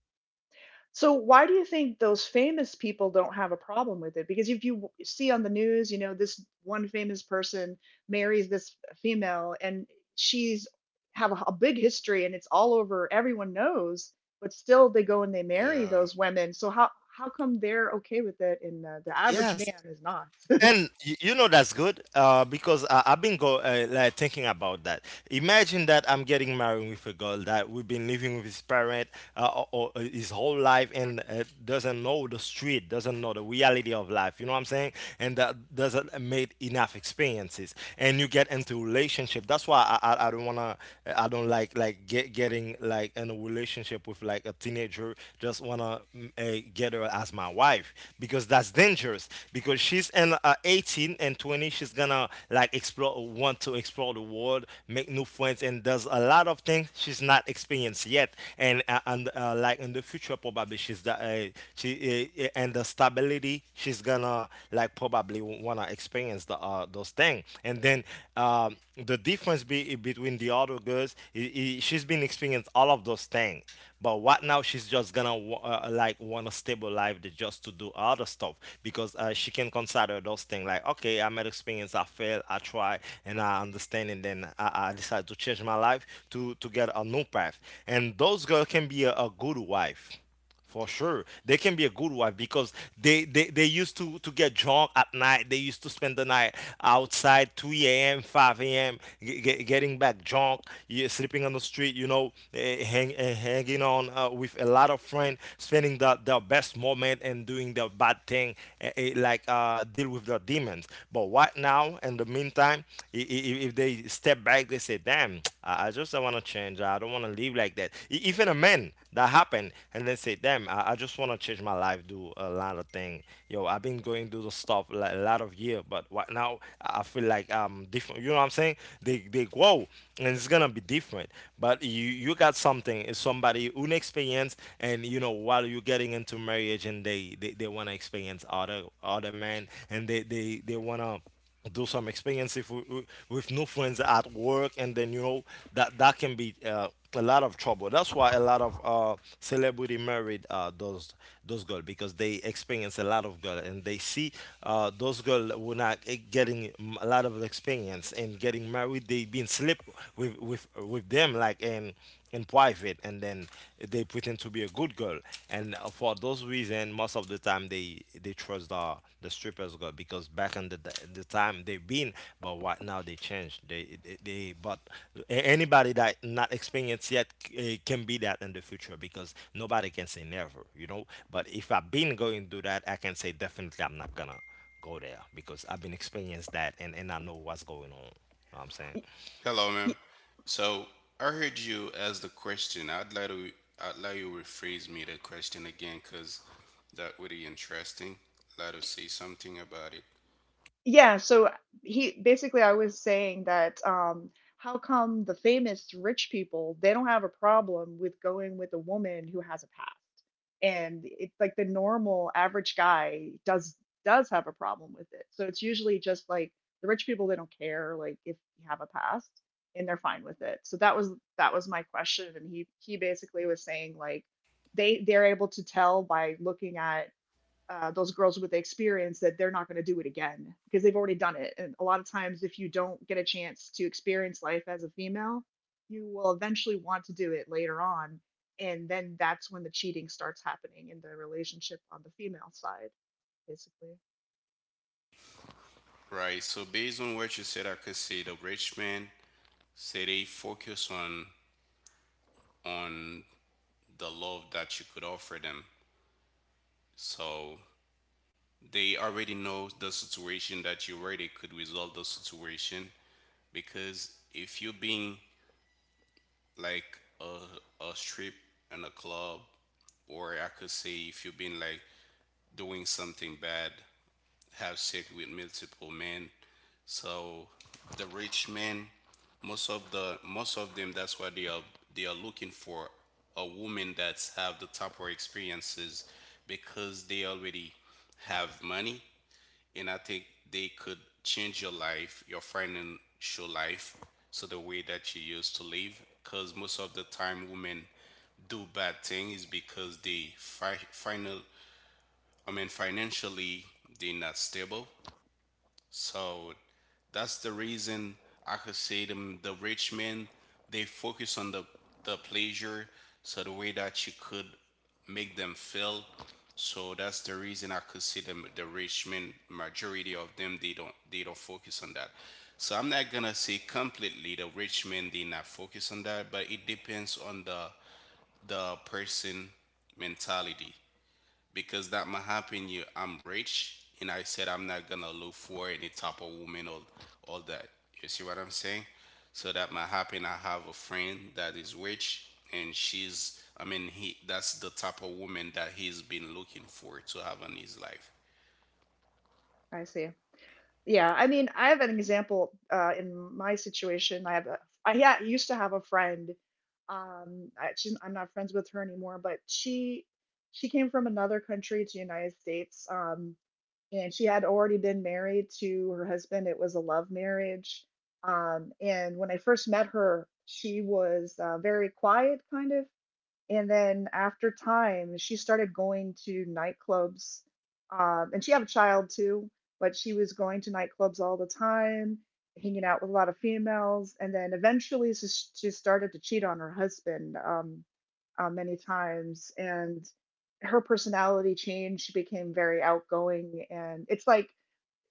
so why do you think those famous people don't have a problem with it? Because if you see on the news, you know, this one famous person marries this female and she's have a big history and it's all over, everyone knows, but still they go and they marry
Yeah.
those women. So how come they're okay with it and the average
Yes.
man is not?
And you know that's good, because I've been go like thinking about that. Imagine that I'm getting married with a girl that we've been living with his parent, or his whole life, and doesn't know the street, doesn't know the reality of life. You know what I'm saying? And that doesn't made enough experiences. And you get into relationship. That's why I don't wanna. I don't getting like in a relationship with like a teenager. Just wanna get her as my wife, because that's dangerous, because she's in 18 and 20. She's gonna like explore want to explore the world, make new friends, and does a lot of things she's not experienced yet, and like in the future, probably she's the she and the stability, she's gonna like probably wanna experience the those things. And then the difference between the other girls, I she's been experienced all of those things. But what now, she's just gonna like want a stable life, to just to do other stuff, because she can consider those things like, okay, I made experience, I failed, I try, and I understand, and then I decide to change my life to get a new path. And those girls can be a good wife. For sure, they can be a good wife, because they used to get drunk at night. They used to spend the night outside, 2 a.m., 5 a.m., getting back drunk, yeah, sleeping on the street, you know, hanging on with a lot of friends, spending their best moment and doing the bad thing, like, deal with their demons. But right now, in the meantime, if they step back, they say, damn, I want to change. I don't want to live like that. Even a man that happened and then say, damn, I just want to change my life, do a lot of thing. Yo, I've been going through the stuff like, a lot of year, but right now I feel like I'm different. You know what I'm saying? They grow, and it's gonna be different. But you got something. It's somebody inexperienced, and you know, while you're getting into marriage, and they want to experience other men, and they want to do some expensive with new friends at work, and then you know, that can be a lot of trouble. That's why a lot of celebrity married those girls, because they experience a lot of girl, and they see those girls were not getting a lot of experience and getting married. They been sleep with them, like, and in private, and then they pretend to be a good girl. And for those reason, most of the time, they trust the strippers girl, because back in the time they've been. But right now they changed. They But anybody that not experienced yet, can be that in the future, because nobody can say never, you know. But if I've been going through that, I can say definitely I'm not gonna go there, because I've been experienced that, and I know what's going on. You know what I'm saying?
Hello, ma'am. So I heard you ask the question. I'd like to I'd like you rephrase me the question again, cause that would be interesting. I'd like to say something about it.
Yeah, so he basically I was saying that how come the famous rich people they don't have a problem with going with a woman who has a past? And it's like the normal average guy does have a problem with it. So it's usually just like the rich people they don't care, like, if you have a past and they're fine with it. So that was my question and he basically was saying like, they're able to tell by looking at those girls with the experience that they're not going to do it again because they've already done it. And a lot of times, if you don't get a chance to experience life as a female, you will eventually want to do it later on. And then that's when the cheating starts happening in the relationship on the female side, basically.
Right. So based on what you said, I could say the rich man say they focus on the love that you could offer them. So they already know the situation that you already could resolve the situation because if you being like a strip and a club, or I could say if you've been like doing something bad, have sex with multiple men. So the rich men, most of the most of them, that's what they are looking for a woman that's have the type of experiences because they already have money and I think they could change your life, your financial life, so the way that you used to live. Because most of the time, women do bad things because they final, I mean, financially they're not stable. So that's the reason I could say them the rich men they focus on the pleasure so the way that you could make them feel. So that's the reason I could say them the rich men majority of them they don't focus on that. So I'm not gonna say completely the rich men they not focus on that, but it depends on the person mentality because that might happen you I'm rich and I said I'm not gonna look for any type of woman or all that, you see what I'm saying? So that might happen I have a friend that is rich and she's I mean he that's the type of woman that he's been looking for to have in his life.
I see. Yeah, I mean, I have an example in my situation. I, yeah, used to have a friend. I'm not friends with her anymore, but she came from another country to the United States. And she had already been married to her husband. It was a love marriage. And when I first met her, she was very quiet, kind of. And then after time, she started going to nightclubs. And she had a child too, but she was going to nightclubs all the time, hanging out with a lot of females. And then eventually she started to cheat on her husband many times. And her personality changed. She became very outgoing. And it's like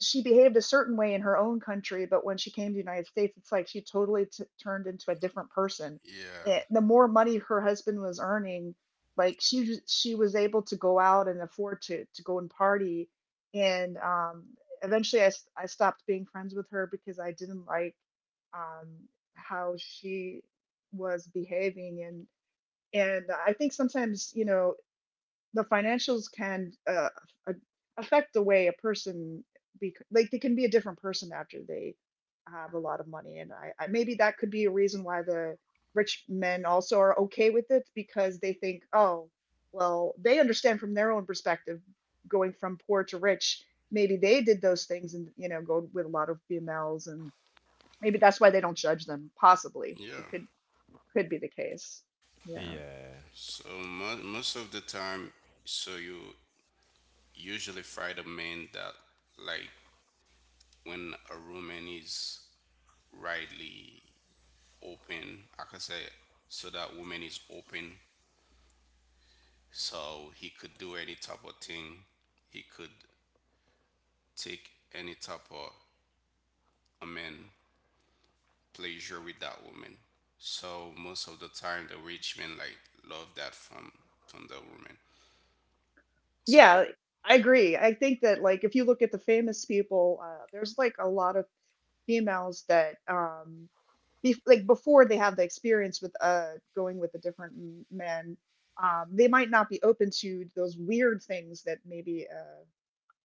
she behaved a certain way in her own country, but when she came to the United States, it's like she totally turned into a different person.
Yeah,
The more money her husband was earning, like, she was able to go out and afford to go and party. And eventually, I stopped being friends with her because I didn't like um, how she was behaving. And I think sometimes, you know, the financials can a- affect the way a person be, like, they can be a different person after they have a lot of money. And I maybe that could be a reason why the rich men also are okay with it, because they think, oh well, they understand from their own perspective, going from poor to rich, maybe they did those things and, you know, go with a lot of females, and maybe that's why they don't judge them. Possibly it
yeah.
could be the case, yeah.
Yeah.
So most of the time so you usually find a man that like when a woman is rightly open. Like I could say so that woman is open, so he could do any type of thing. He could take any type of I mean pleasure with that woman. So most of the time, the rich men like love that from the woman. So
Yeah, I agree. I think that, like, if you look at the famous people, there's like a lot of females that bef like, before they have the experience with going with the different men, they might not be open to those weird things that maybe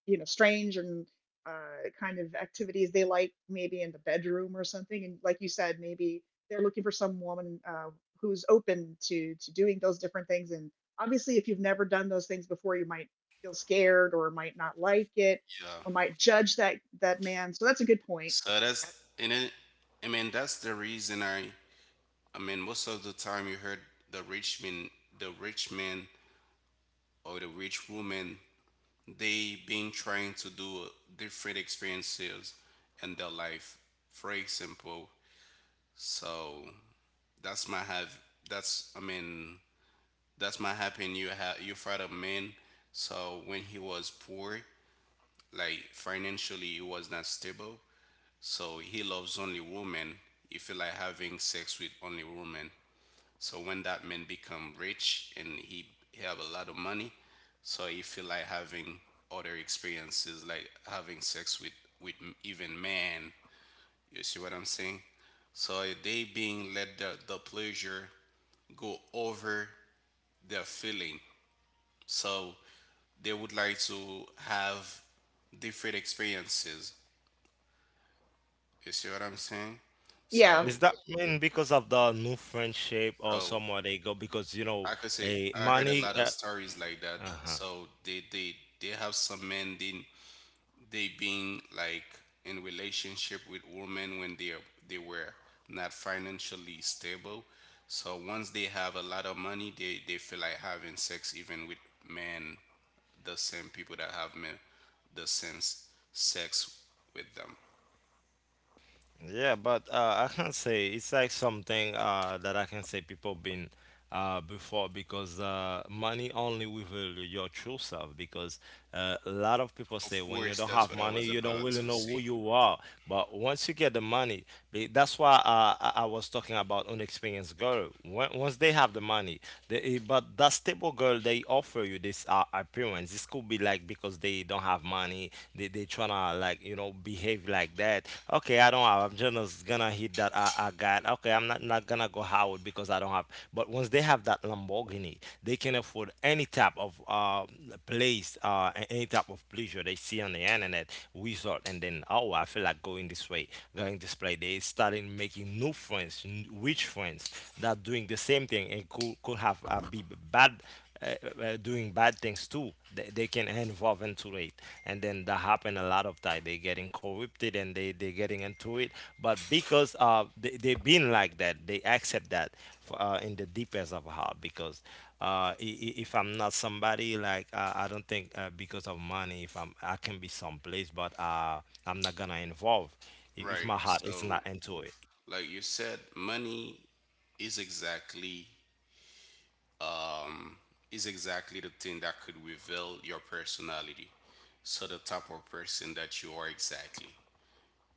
you know, strange and kind of activities they like, maybe in the bedroom or something. And like you said, maybe they're looking for some woman who's open to doing those different things, and obviously if you've never done those things before you might feel scared or might not like it,
yeah,
or might judge that that man. So that's a good point.
so that's in it. I mean that's the reason I. I mean most of the time you heard the rich men, the rich men or the rich woman they been trying to do different experiences in their life for example so that's my have that's I mean that's my happen you have you father man so when he was poor like financially he was not stable so he loves only women he feel like having sex with only women so when that man become rich and he have a lot of money, so he feel like having other experiences, like having sex with even man. You see what I'm saying? So they being let the pleasure go over their feeling. So they would like to have different experiences. You see what I'm saying?
Yeah,
Is
So
that mean because of the new friendship or
so
somewhere they go? Because you know,
I could say
a
I heard a
money.
lot of stories like that.
Huh.
So they they have some men then they being like in relationship with women when they were not financially stable. So once they have a lot of money, they feel like having sex even with men, the same people that have men, the same sex with them.
Yeah, but I can say it's like something that I can say people been before, because money only reveal your true self, because a lot of people
Of
say when you
course,
don't
that's
have
what I
money,
was
you don't
about
really
to
know who
say.
you are. But once you get the money, that's why I was talking about unexperienced girl. When, once they have the money, but that stable girl, they offer you this appearance. This could be like because they don't have money. They tryna, like, behave like that. Okay, I don't have. I'm just gonna hit that I got. Okay, I'm not gonna go Howard because I don't have. But once they have that Lamborghini, they can afford any type of place, any type of pleasure they see on the internet resort. And then, oh, I feel like going this way, going this place. They starting making new friends, rich friends that doing the same thing, and could have be bad, doing bad things too. They can involve into it, and then that happen a lot of time. They getting corrupted, and they getting into it. But because they been like that, they accept that in the deepest of heart, because if I'm not somebody like, I don't think, because of money, if I can be someplace, but I'm not gonna involve if
Right.
my heart is
So,
not into.
like you said, money is exactly um, is exactly the thing that could reveal your personality. So, the type of person that you are exactly.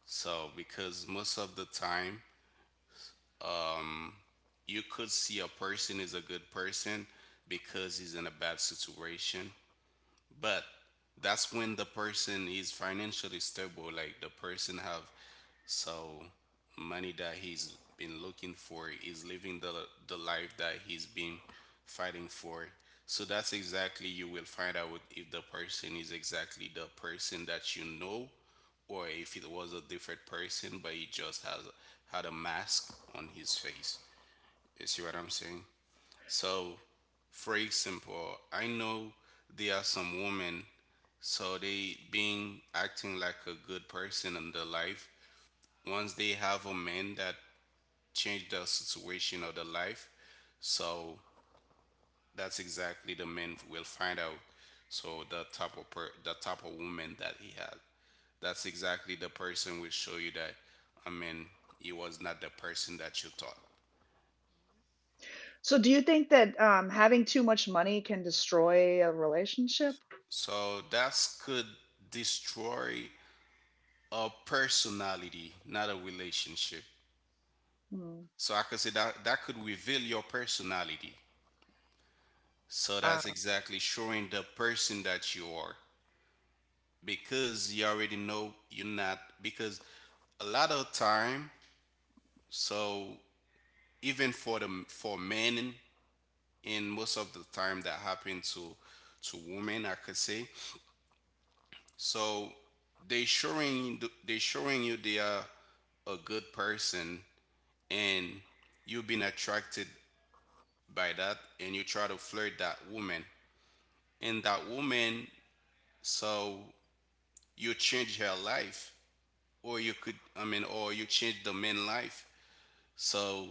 So, because most of the time, you could see a person is a good person because he's in a bad situation, but that's when the person is financially stable like the person have so money that he's been looking for is living the life that he's been fighting for so that's exactly you will find out if the person is exactly the person that you know or if it was a different person but he just has had a mask on his face, you see what I'm saying? So, for example, I know there are some women, so they being acting like a good person in their life. Once they have a man that changed their situation or their life, so that's exactly the man will find out. So the type of the type of woman that he had, that's exactly the person will show you that. I mean, he was not the person that you thought.
so do you think that having too much money can destroy a relationship?
So that could destroy a personality, not a relationship.
Hmm.
So I could say that that could reveal your personality. So that's
Ah,
exactly showing the person that you are, because you already know you're not, because a lot of time, so even for the for men, and most of the time that happen to women, I could say. So they showing you they are a good person, and you've been attracted by that, and you try to flirt that woman, and that woman, so you change her life. Or you could, or you change the man's life. So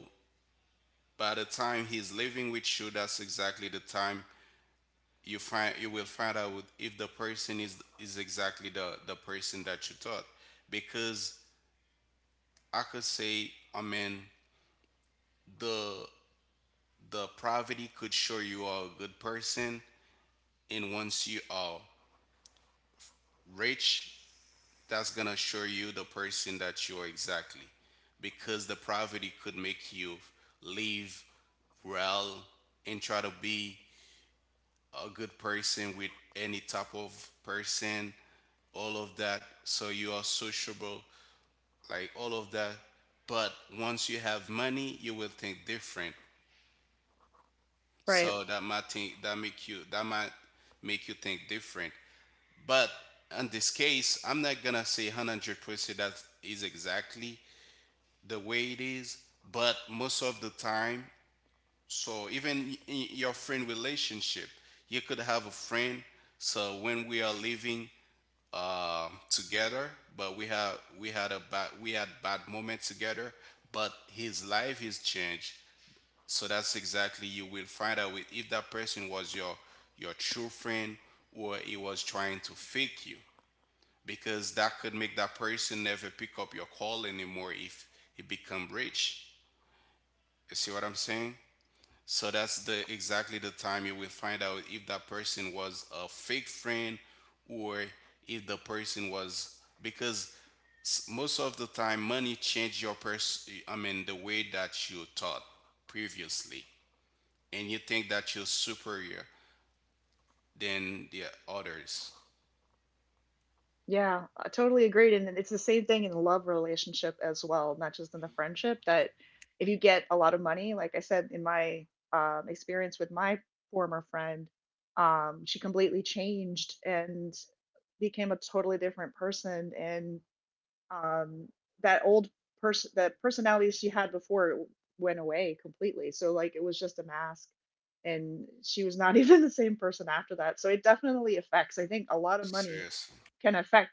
by the time he's living with you, that's exactly the time you will find out if the person is exactly the person that you thought. Because I could say I mean the the poverty could show you are a good person, and once you are rich, that's gonna show you the person that you are exactly. Because the poverty could make you live well and try to be a good person with any type of person, all of that, so you are sociable, like all of that. But once you have money, you will think different.
right.
So that might think that make you, that might make you think different. But in this case, I'm not gonna say 100% that is exactly the way it is, but most of the time. So even in your friend relationship, you could have a friend. So when we are living together, but we have we had a bad we had bad moment together, but his life is changed. So that's exactly you will find out if that person was your true friend, or he was trying to fake you. Because that could make that person never pick up your call anymore if he become rich. You see what I'm saying? So that's the exactly the time you will find out if that person was a fake friend, or if the person was, because most of the time money changed your person, the way that you thought previously, and you think that you're superior than the others.
Yeah, I totally agreed. And then it's the same thing in the love relationship as well, not just in the friendship. That if you get a lot of money, like I said in my experience with my former friend, she completely changed and became a totally different person. And um, that old person, that personality she had before, went away completely. So, like, it was just a mask, and she was not even the same person after that. So it definitely affects. I think a lot of money
Seriously.
can affect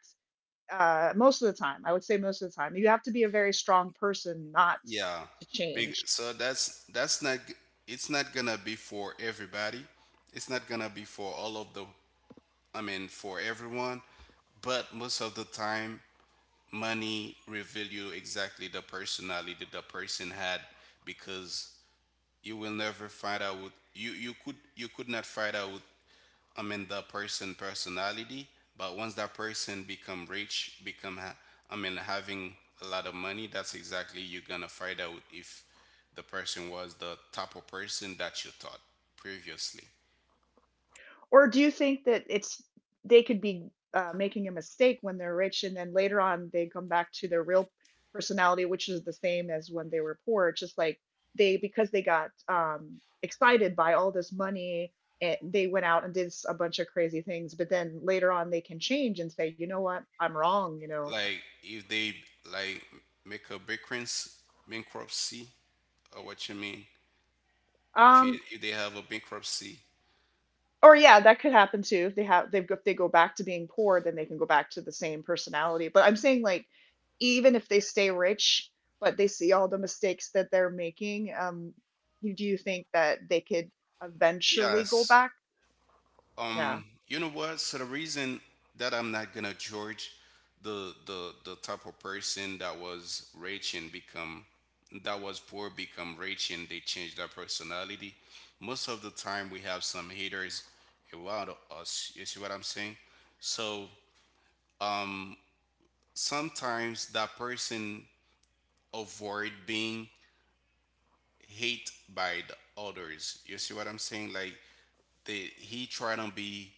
most of the time. I would say most of the time. You have to be a very strong person not
Yeah.
to
Big,
change.
so that's not g- it's not gonna be for everybody. It's not gonna be for all of the, I mean, for everyone, but most of the time, money reveal you exactly the personality the person had. Because you will never find out with you, you could not find out with, I mean, the person personality. But once that person become rich, I mean, having a lot of money, that's exactly you're gonna find out if the person was the type of person that you thought previously.
Or do you think that it's they could be making a mistake when they're rich and then later on they come back to their real personality, which is the same as when they were poor? It's just like they because they got excited by all this money and they went out and did a bunch of crazy things, but then later on they can change and say, you know what, I'm wrong, you know.
Like if they, like, make a bankruptcy, bankruptcy, or what you mean? If
um
it, if they have a bankruptcy,
or yeah, that could happen too. If they've— if they go back to being poor, then they can go back to the same personality. But I'm saying, like, even if they stay rich, but they see all the mistakes that they're making, you do you think that they could eventually go
yes.
back? Yeah.
You know what? So the reason that I'm not gonna judge the type of person that was rich and become, that was poor, become rich and they change their personality. Most of the time, we have some haters around us. You see what I'm saying? So, um, sometimes that person avoid being hate by the others. You see what I'm saying? Like they, he try to be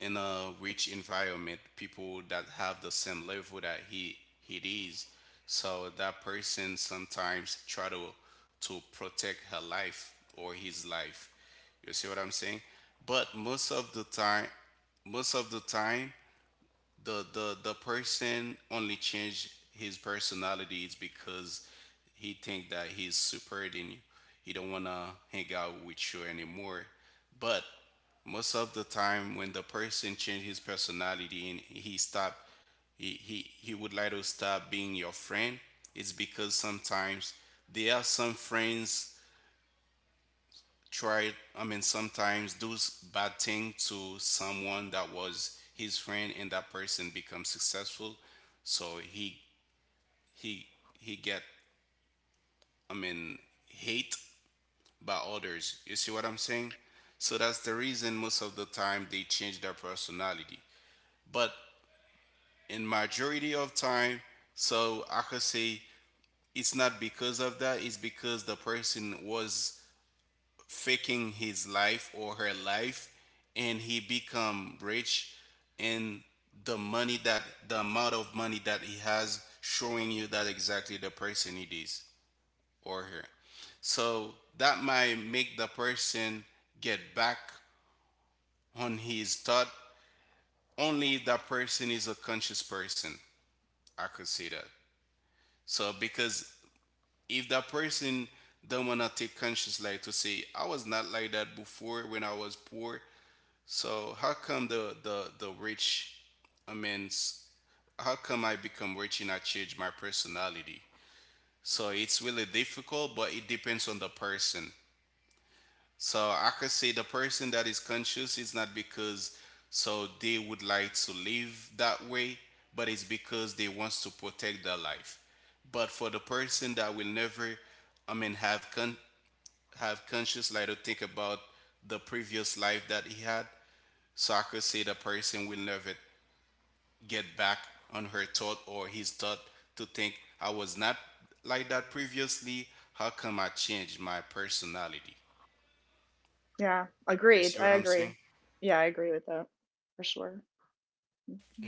in a rich environment, people that have the same level that he is. So that person sometimes try to protect her life or his life. You see what I'm saying? But most of the time, most of the time, the person only change his personality is because he think that he's superior than you. He don't wanna hang out with you anymore. But most of the time, when the person change his personality and he stop, he would like to stop being your friend. It's because sometimes there are some friends tried, sometimes do bad thing to someone that was his friend, and that person become successful. So he he get, I mean, hate by others. You see what I'm saying? So that's the reason most of the time they change their personality. But in majority of time, so I could say it's not because of that, it's because the person was faking his life or her life, and he become rich. And the money that, the amount of money that he has showing you that exactly the person it is, or her. So that might make the person get back on his thought only if that person is a conscious person, I could say that. So because if that person don't wanna take conscious, like to say, I was not like that before when I was poor. So how come the rich, I mean, how come I become rich and I change my personality? So it's really difficult, but it depends on the person. So I could say the person that is conscious is not because, so they would like to live that way, but it's because they wants to protect their life. But for the person that will never, I mean, have conscious, like to think about the previous life that he had, so I could say the person will never get back on her thought or his thought to think, I was not like that previously. How come I changed my personality?
Yeah,
You
agreed.
see
I
what I'm
agree.
saying?
Yeah, I agree with that for sure.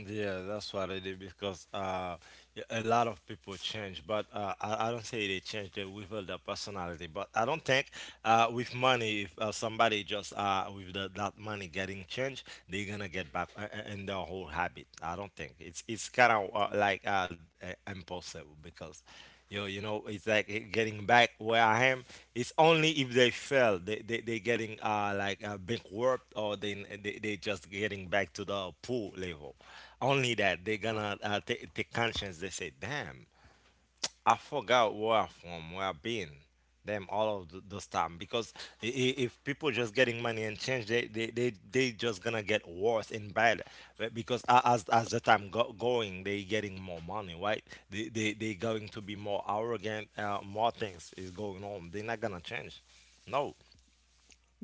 Yeah, that's what I did because a lot of people change, but I don't say they change, they reveal their personality. But I don't think with money, if somebody just with that money getting changed, they're gonna get back in their whole habit. I don't think it's kind of like, impulsive because you know, it's like it getting back where I am. It's only if they fail, they getting like, bankrupt, or they just getting back to the poor level. Only that they gonna take conscience. They say, damn. I forgot where I'm from, where I've been, them all of those time. Because if people just getting money and change, they just gonna get worse and bad. But because as the time going, they getting more money, right? They going to be more arrogant. More things is going on. They're not gonna change. No,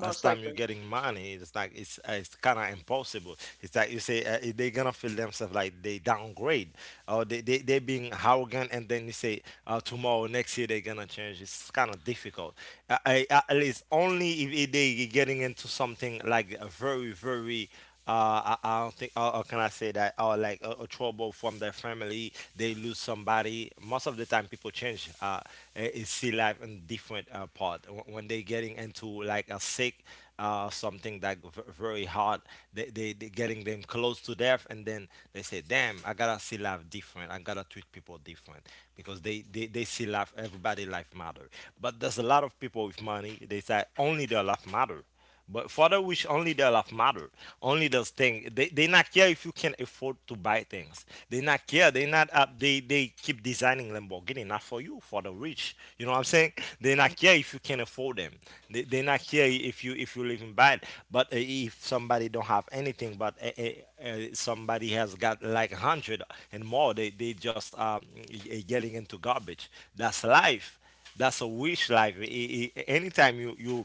as time you're
likely.
getting money, it's like it's kind of impossible. It's like you say they're gonna feel themselves like they downgrade, or they being arrogant, and then you say tomorrow, next year, they're gonna change. It's kind of difficult. At least only if they getting into something like a very very, I don't think, or can I say that, or like a trouble from their family, they lose somebody. Most of the time, people change. See life in different part. When they getting into like a sick, something that very hard, they getting them close to death, and then they say, "Damn, I gotta see life different. I gotta treat people different, because they see life. Everybody life matter. But there's a lot of people with money. They say only their life matter. But for the wish, only the love matter. Only those things. They not care if you can afford to buy things. They not care. They not up. They keep designing Lamborghini not for you, for the rich. You know what I'm saying? They not care
Mhm.
if you can afford them. They not care if you live in bad. But if somebody don't have anything, but somebody has got like 100 and more, they just getting into garbage. That's life. That's a wish life. Anytime you you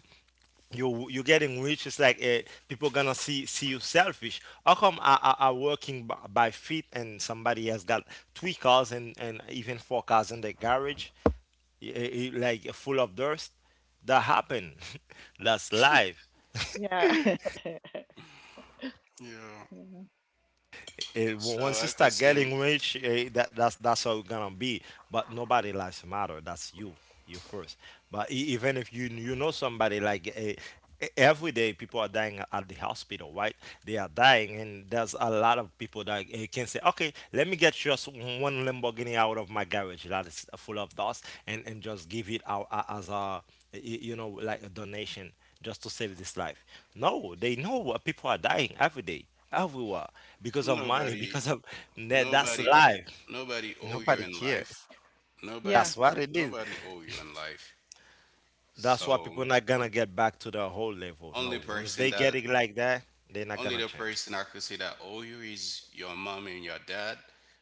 you you're getting rich, it's like people gonna see you selfish. How come I working by feet, and somebody has got three cars, and even four cars in the garage, like full of dust. That happen. That's life.
Yeah.
Yeah.
It,
So
once you
like I could
start
say,
getting rich, that's that's how it's gonna be. But nobody lives matter. That's you, you first. But even if you you know somebody like every day people are dying at the hospital, right? They are dying, and there's a lot of people that can say, okay, let me get just one Lamborghini out of my garage that is full of dust, and just give it out as a you know, like a donation, just to save this life. No, they know what people are dying every day everywhere because of money,
nobody,
because of that's
nobody,
life.
nobody owe you
Nobody
in
care.
life.
Yeah.
Nobody,
Yeah.
That's what it is.
nobody owe you in life.
That's why people
So
not gonna get back to the whole level. No,
only
once
person
they
that,
get it like that, they're not
only
gonna
the
change.
person I could say that owe you is your mom and your dad.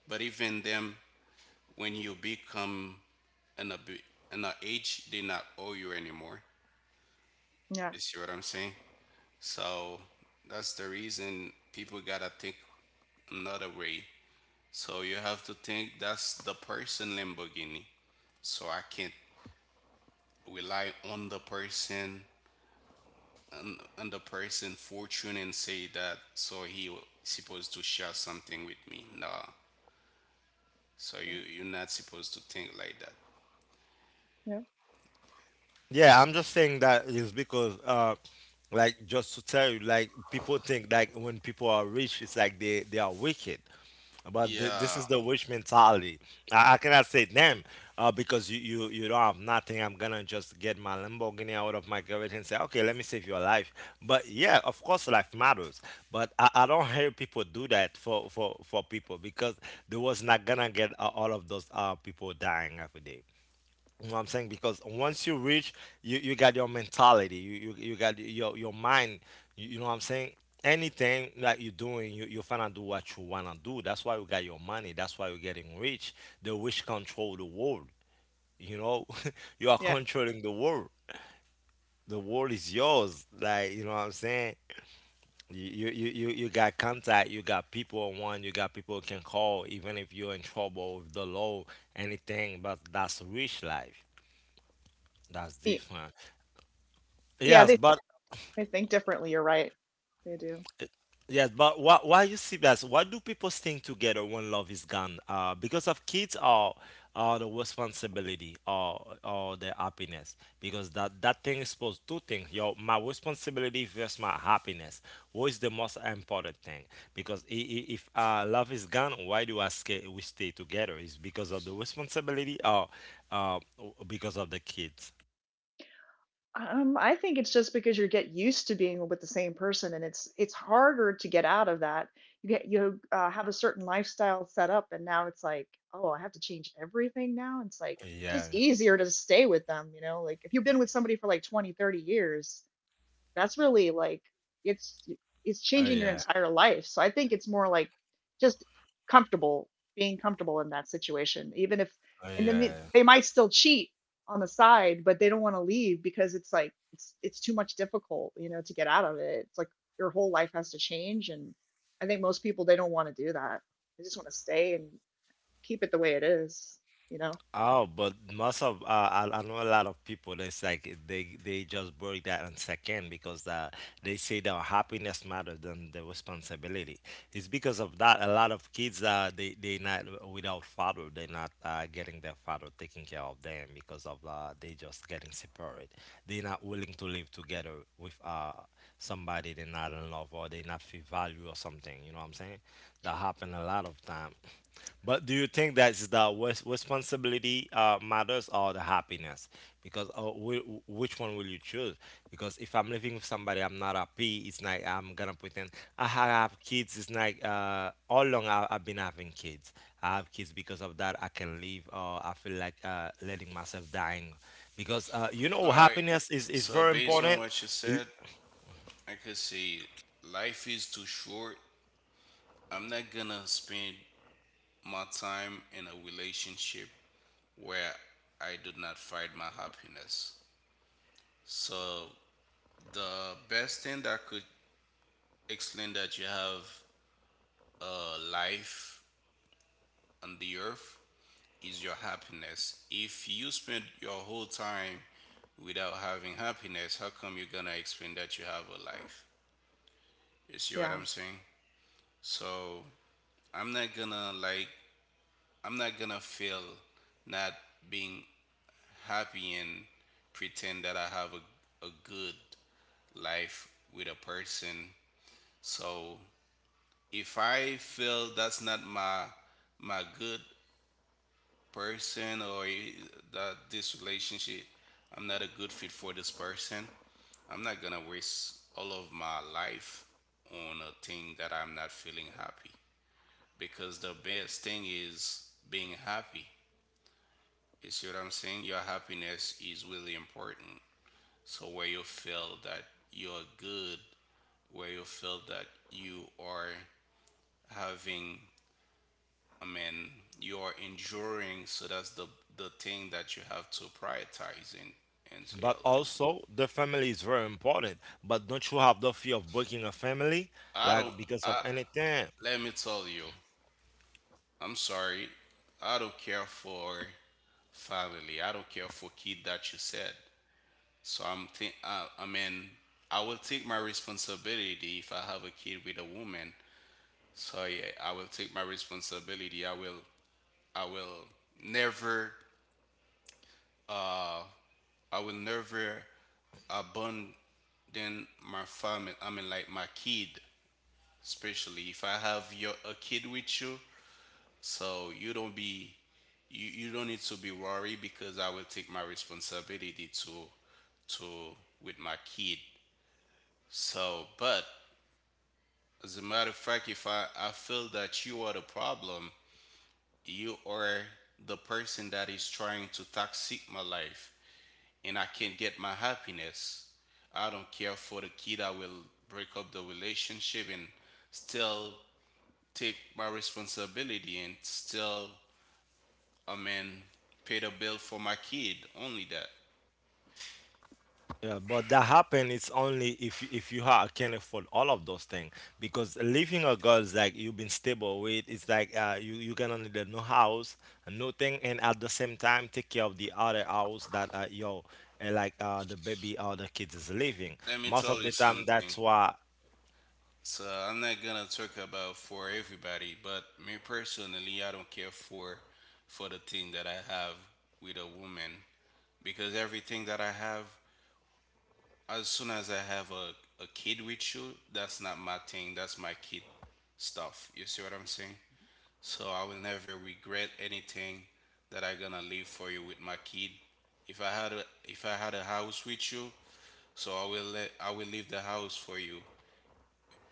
But even them, when you become, and the b- and the age, did not owe you anymore.
Yeah. Yeah.
You see what I'm saying? So that's the reason people gotta think another way. So you have to think, that's the person Lamborghini. So I can't rely on the person, on the person fortune, and say that, so he supposed to share something with me. Nah. So you, you're not supposed to think like that.
Yeah.
Yeah, I'm just saying that is because like, just to tell you, like people think like when people are rich, it's like they are wicked. But this
Yeah.
is the witch mentality. I cannot say damn, because you, you don't have nothing. I'm gonna just get my Lamborghini out of my garage and say, okay, let me save your life. But yeah, of course, life matters. But I don't hear people do that for people because they was not gonna get all of those people dying every day. You know what I'm saying? Because once you reach, you got your mentality, you got your mind. You know what I'm saying? Anything that you're doing, you finna do what you wanna do. That's why you got your money. That's why you're getting rich. The rich control the world. You know, you are
Yeah.
controlling the world. The world is yours. Like, you know what I'm saying? You, you got contact, you got people on one, you got people you can call, even if you're in trouble with the law, anything. But that's rich life. That's
E-
different.
Yeah,
Yes, but
They think differently. You're right. They do.
yes, but why you see that? Why do people staying together when love is gone? Because of kids, or the responsibility, or the happiness. Because that thing is supposed two things. Your my responsibility versus my happiness. What is the most important thing? Because if love is gone, why do I stay, we stay together? Is because of the responsibility, or uh, because of the kids?
I think it's just because you get used to being with the same person, and it's harder to get out of that. You have a certain lifestyle set up, and now it's like, oh, I have to change everything now. It's like
Yeah.
just easier to stay with them, you know. Like if you've been with somebody for like 20, 30 years, that's really like— it's it's
Oh
changing your
yeah.
entire life. So I think it's more like just comfortable being comfortable in that situation, even if—
Oh
and then they,
yeah.
they might still cheat on the side, but they don't want to leave because it's like it's too much difficult, you know, to get out of it. It's like your whole life has to change, and I think most people they don't want to do that. They just want to stay and keep it the way it is, you know.
Oh, but most of I know a lot of people. It's like they just break that on second because they say that happiness matters than the responsibility. It's because of that a lot of kids they not without father. They're not getting their father taking care of them because of they just getting separate. They're not willing to live together with somebody they're not in love or they not feel value or something. You know what I'm saying? That happen a lot of time. But do you think that as the responsibility, matters, or the happiness? Because which one will you choose? Because if I'm living with somebody I'm not happy, it's like I'm gonna pretend. Have kids, it's like all along I've been having kids. I have kids because of that. I can leave, or I feel like letting myself dying, because you
All
know,
right.
happiness is
So
very
based on
important.
what you said, I could say life is too short. I'm not gonna spend my time in a relationship where I do not find my happiness. So the best thing that could explain that you have a life on the earth is your happiness. If you spend your whole time without having happiness, how come you're gonna explain that you have a life? You see what
Yeah.
I'm saying? So I'm not gonna like, I'm not gonna feel not being happy and pretend that I have a good life with a person. So if I feel that's not my my good person, or that this relationship, I'm not a good fit for this person. I'm not gonna waste all of my life on a thing that I'm not feeling happy, because the best thing is being happy. You see what I'm saying? Your happiness is really important. So, where you feel that you're good, where you feel that you are having, I mean, you're enduring, so that's the thing that you have to prioritize in, into
But
your life.
also the family is very important. But don't you have the fear of breaking a family,
I don't,
like because
I,
of anything?
let me tell you, I'm sorry, I don't care for family, I don't care for kid that you said. So I mean, I will take my responsibility if I have a kid with a woman. So yeah, I will take my responsibility. I will never, I will never abandon my family. I mean, like my kid, especially if I have your a kid with you. So you don't be, you don't need to be worried, because I will take my responsibility to to with my kid. So, but, as a matter of fact, if I feel that you are the problem, you are the person that is trying to toxic my life, and I can't get my happiness, I don't care for the kid. I will break up the relationship and still take my responsibility and still, I mean, pay the bill for my kid. Only that.
Yeah, but that happen. It's only if you ha can afford all of those things. Because living a girl is like you've been stable with. It's like you you gonna need a new house, a new thing, and at the same time take care of the other house that yo and like the baby or the kids is living.
Let me
Most of
tell you
the time,
something.
that's why.
So I'm not gonna talk about for everybody, but me personally, I don't care for the thing that I have with a woman. Because everything that I have, as soon as I have a kid with you, that's not my thing. That's my kid stuff. You see what I'm saying? So I will never regret anything that I gonna leave for you with my kid. If I had a house with you, so I will leave the house for you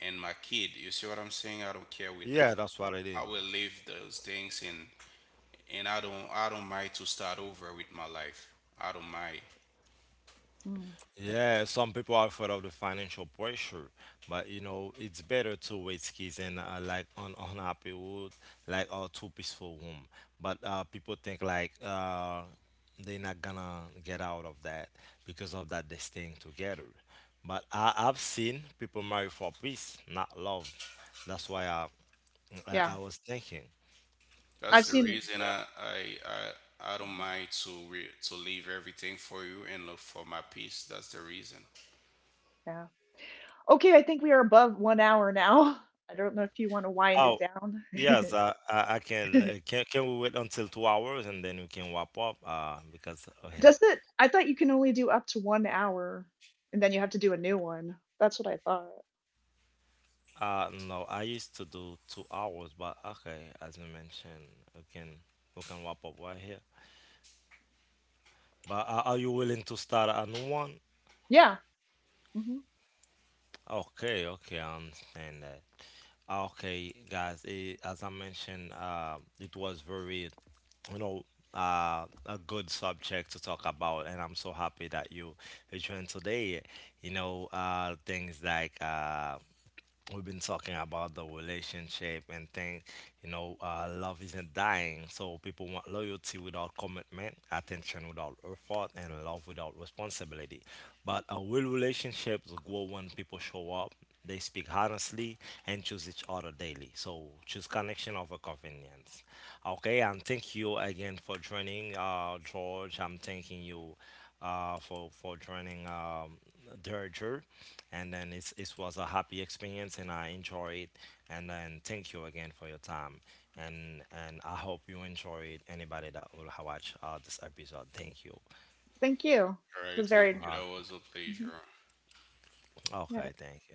and my kid. You see what I'm saying? I don't care with
Yeah,
that.
that's what it
I
is.
will leave those things, and I don't, I don't mind to start over with my life. I don't mind.
Mm.
Yeah, some people are afraid of the financial pressure, but you know, it's better to raise kids in like on unhappy wood, like a two peaceful home. But people think like they're not gonna get out of that, because of that they staying together. But I've seen people marry for peace, not love. That's why I I
Yeah.
was thinking.
I've
That's the
seen.
reason
Yeah.
I don't
Mhm.
mind to to leave everything for you and look for my peace. That's the reason.
Yeah. Okay, I think we are above 1 hour now. I don't know if you want to wind
Oh,
it down.
yes. I can, can. Can we wait until 2 hours and then we can wrap up? Because oh yeah.
Does it? I thought you can only do up to 1 hour and then you have to do a new one. That's what I thought.
No, I used to do 2 hours, but okay, as you mentioned, we can we can wrap up right here. But are you willing to start a new one?
Yeah. Hmm.
Okay, okay, I understand that. Ah, okay, guys, as I mentioned, it was very, you know, a good subject to talk about, and I'm so happy that you joined today. You know, things like we've been talking about the relationship and things. You know, love isn't dying, so people want loyalty without commitment, attention without effort, and love without responsibility. But real relationships grow when people show up, they speak honestly, and choose each other daily. So choose connection over convenience. Okay, and thank you again for joining, George, I'm thanking you for joining, Derger, and then it's, it was a happy experience, and I enjoy it. And then thank you again for your time, and I hope you enjoy it. Anybody that will watch this episode, thank you.
Thank you.
All
It was
right, thank
very—
you.
Uh,
That was a
mhm.
pleasure.
okay,
Yeah.
thank you.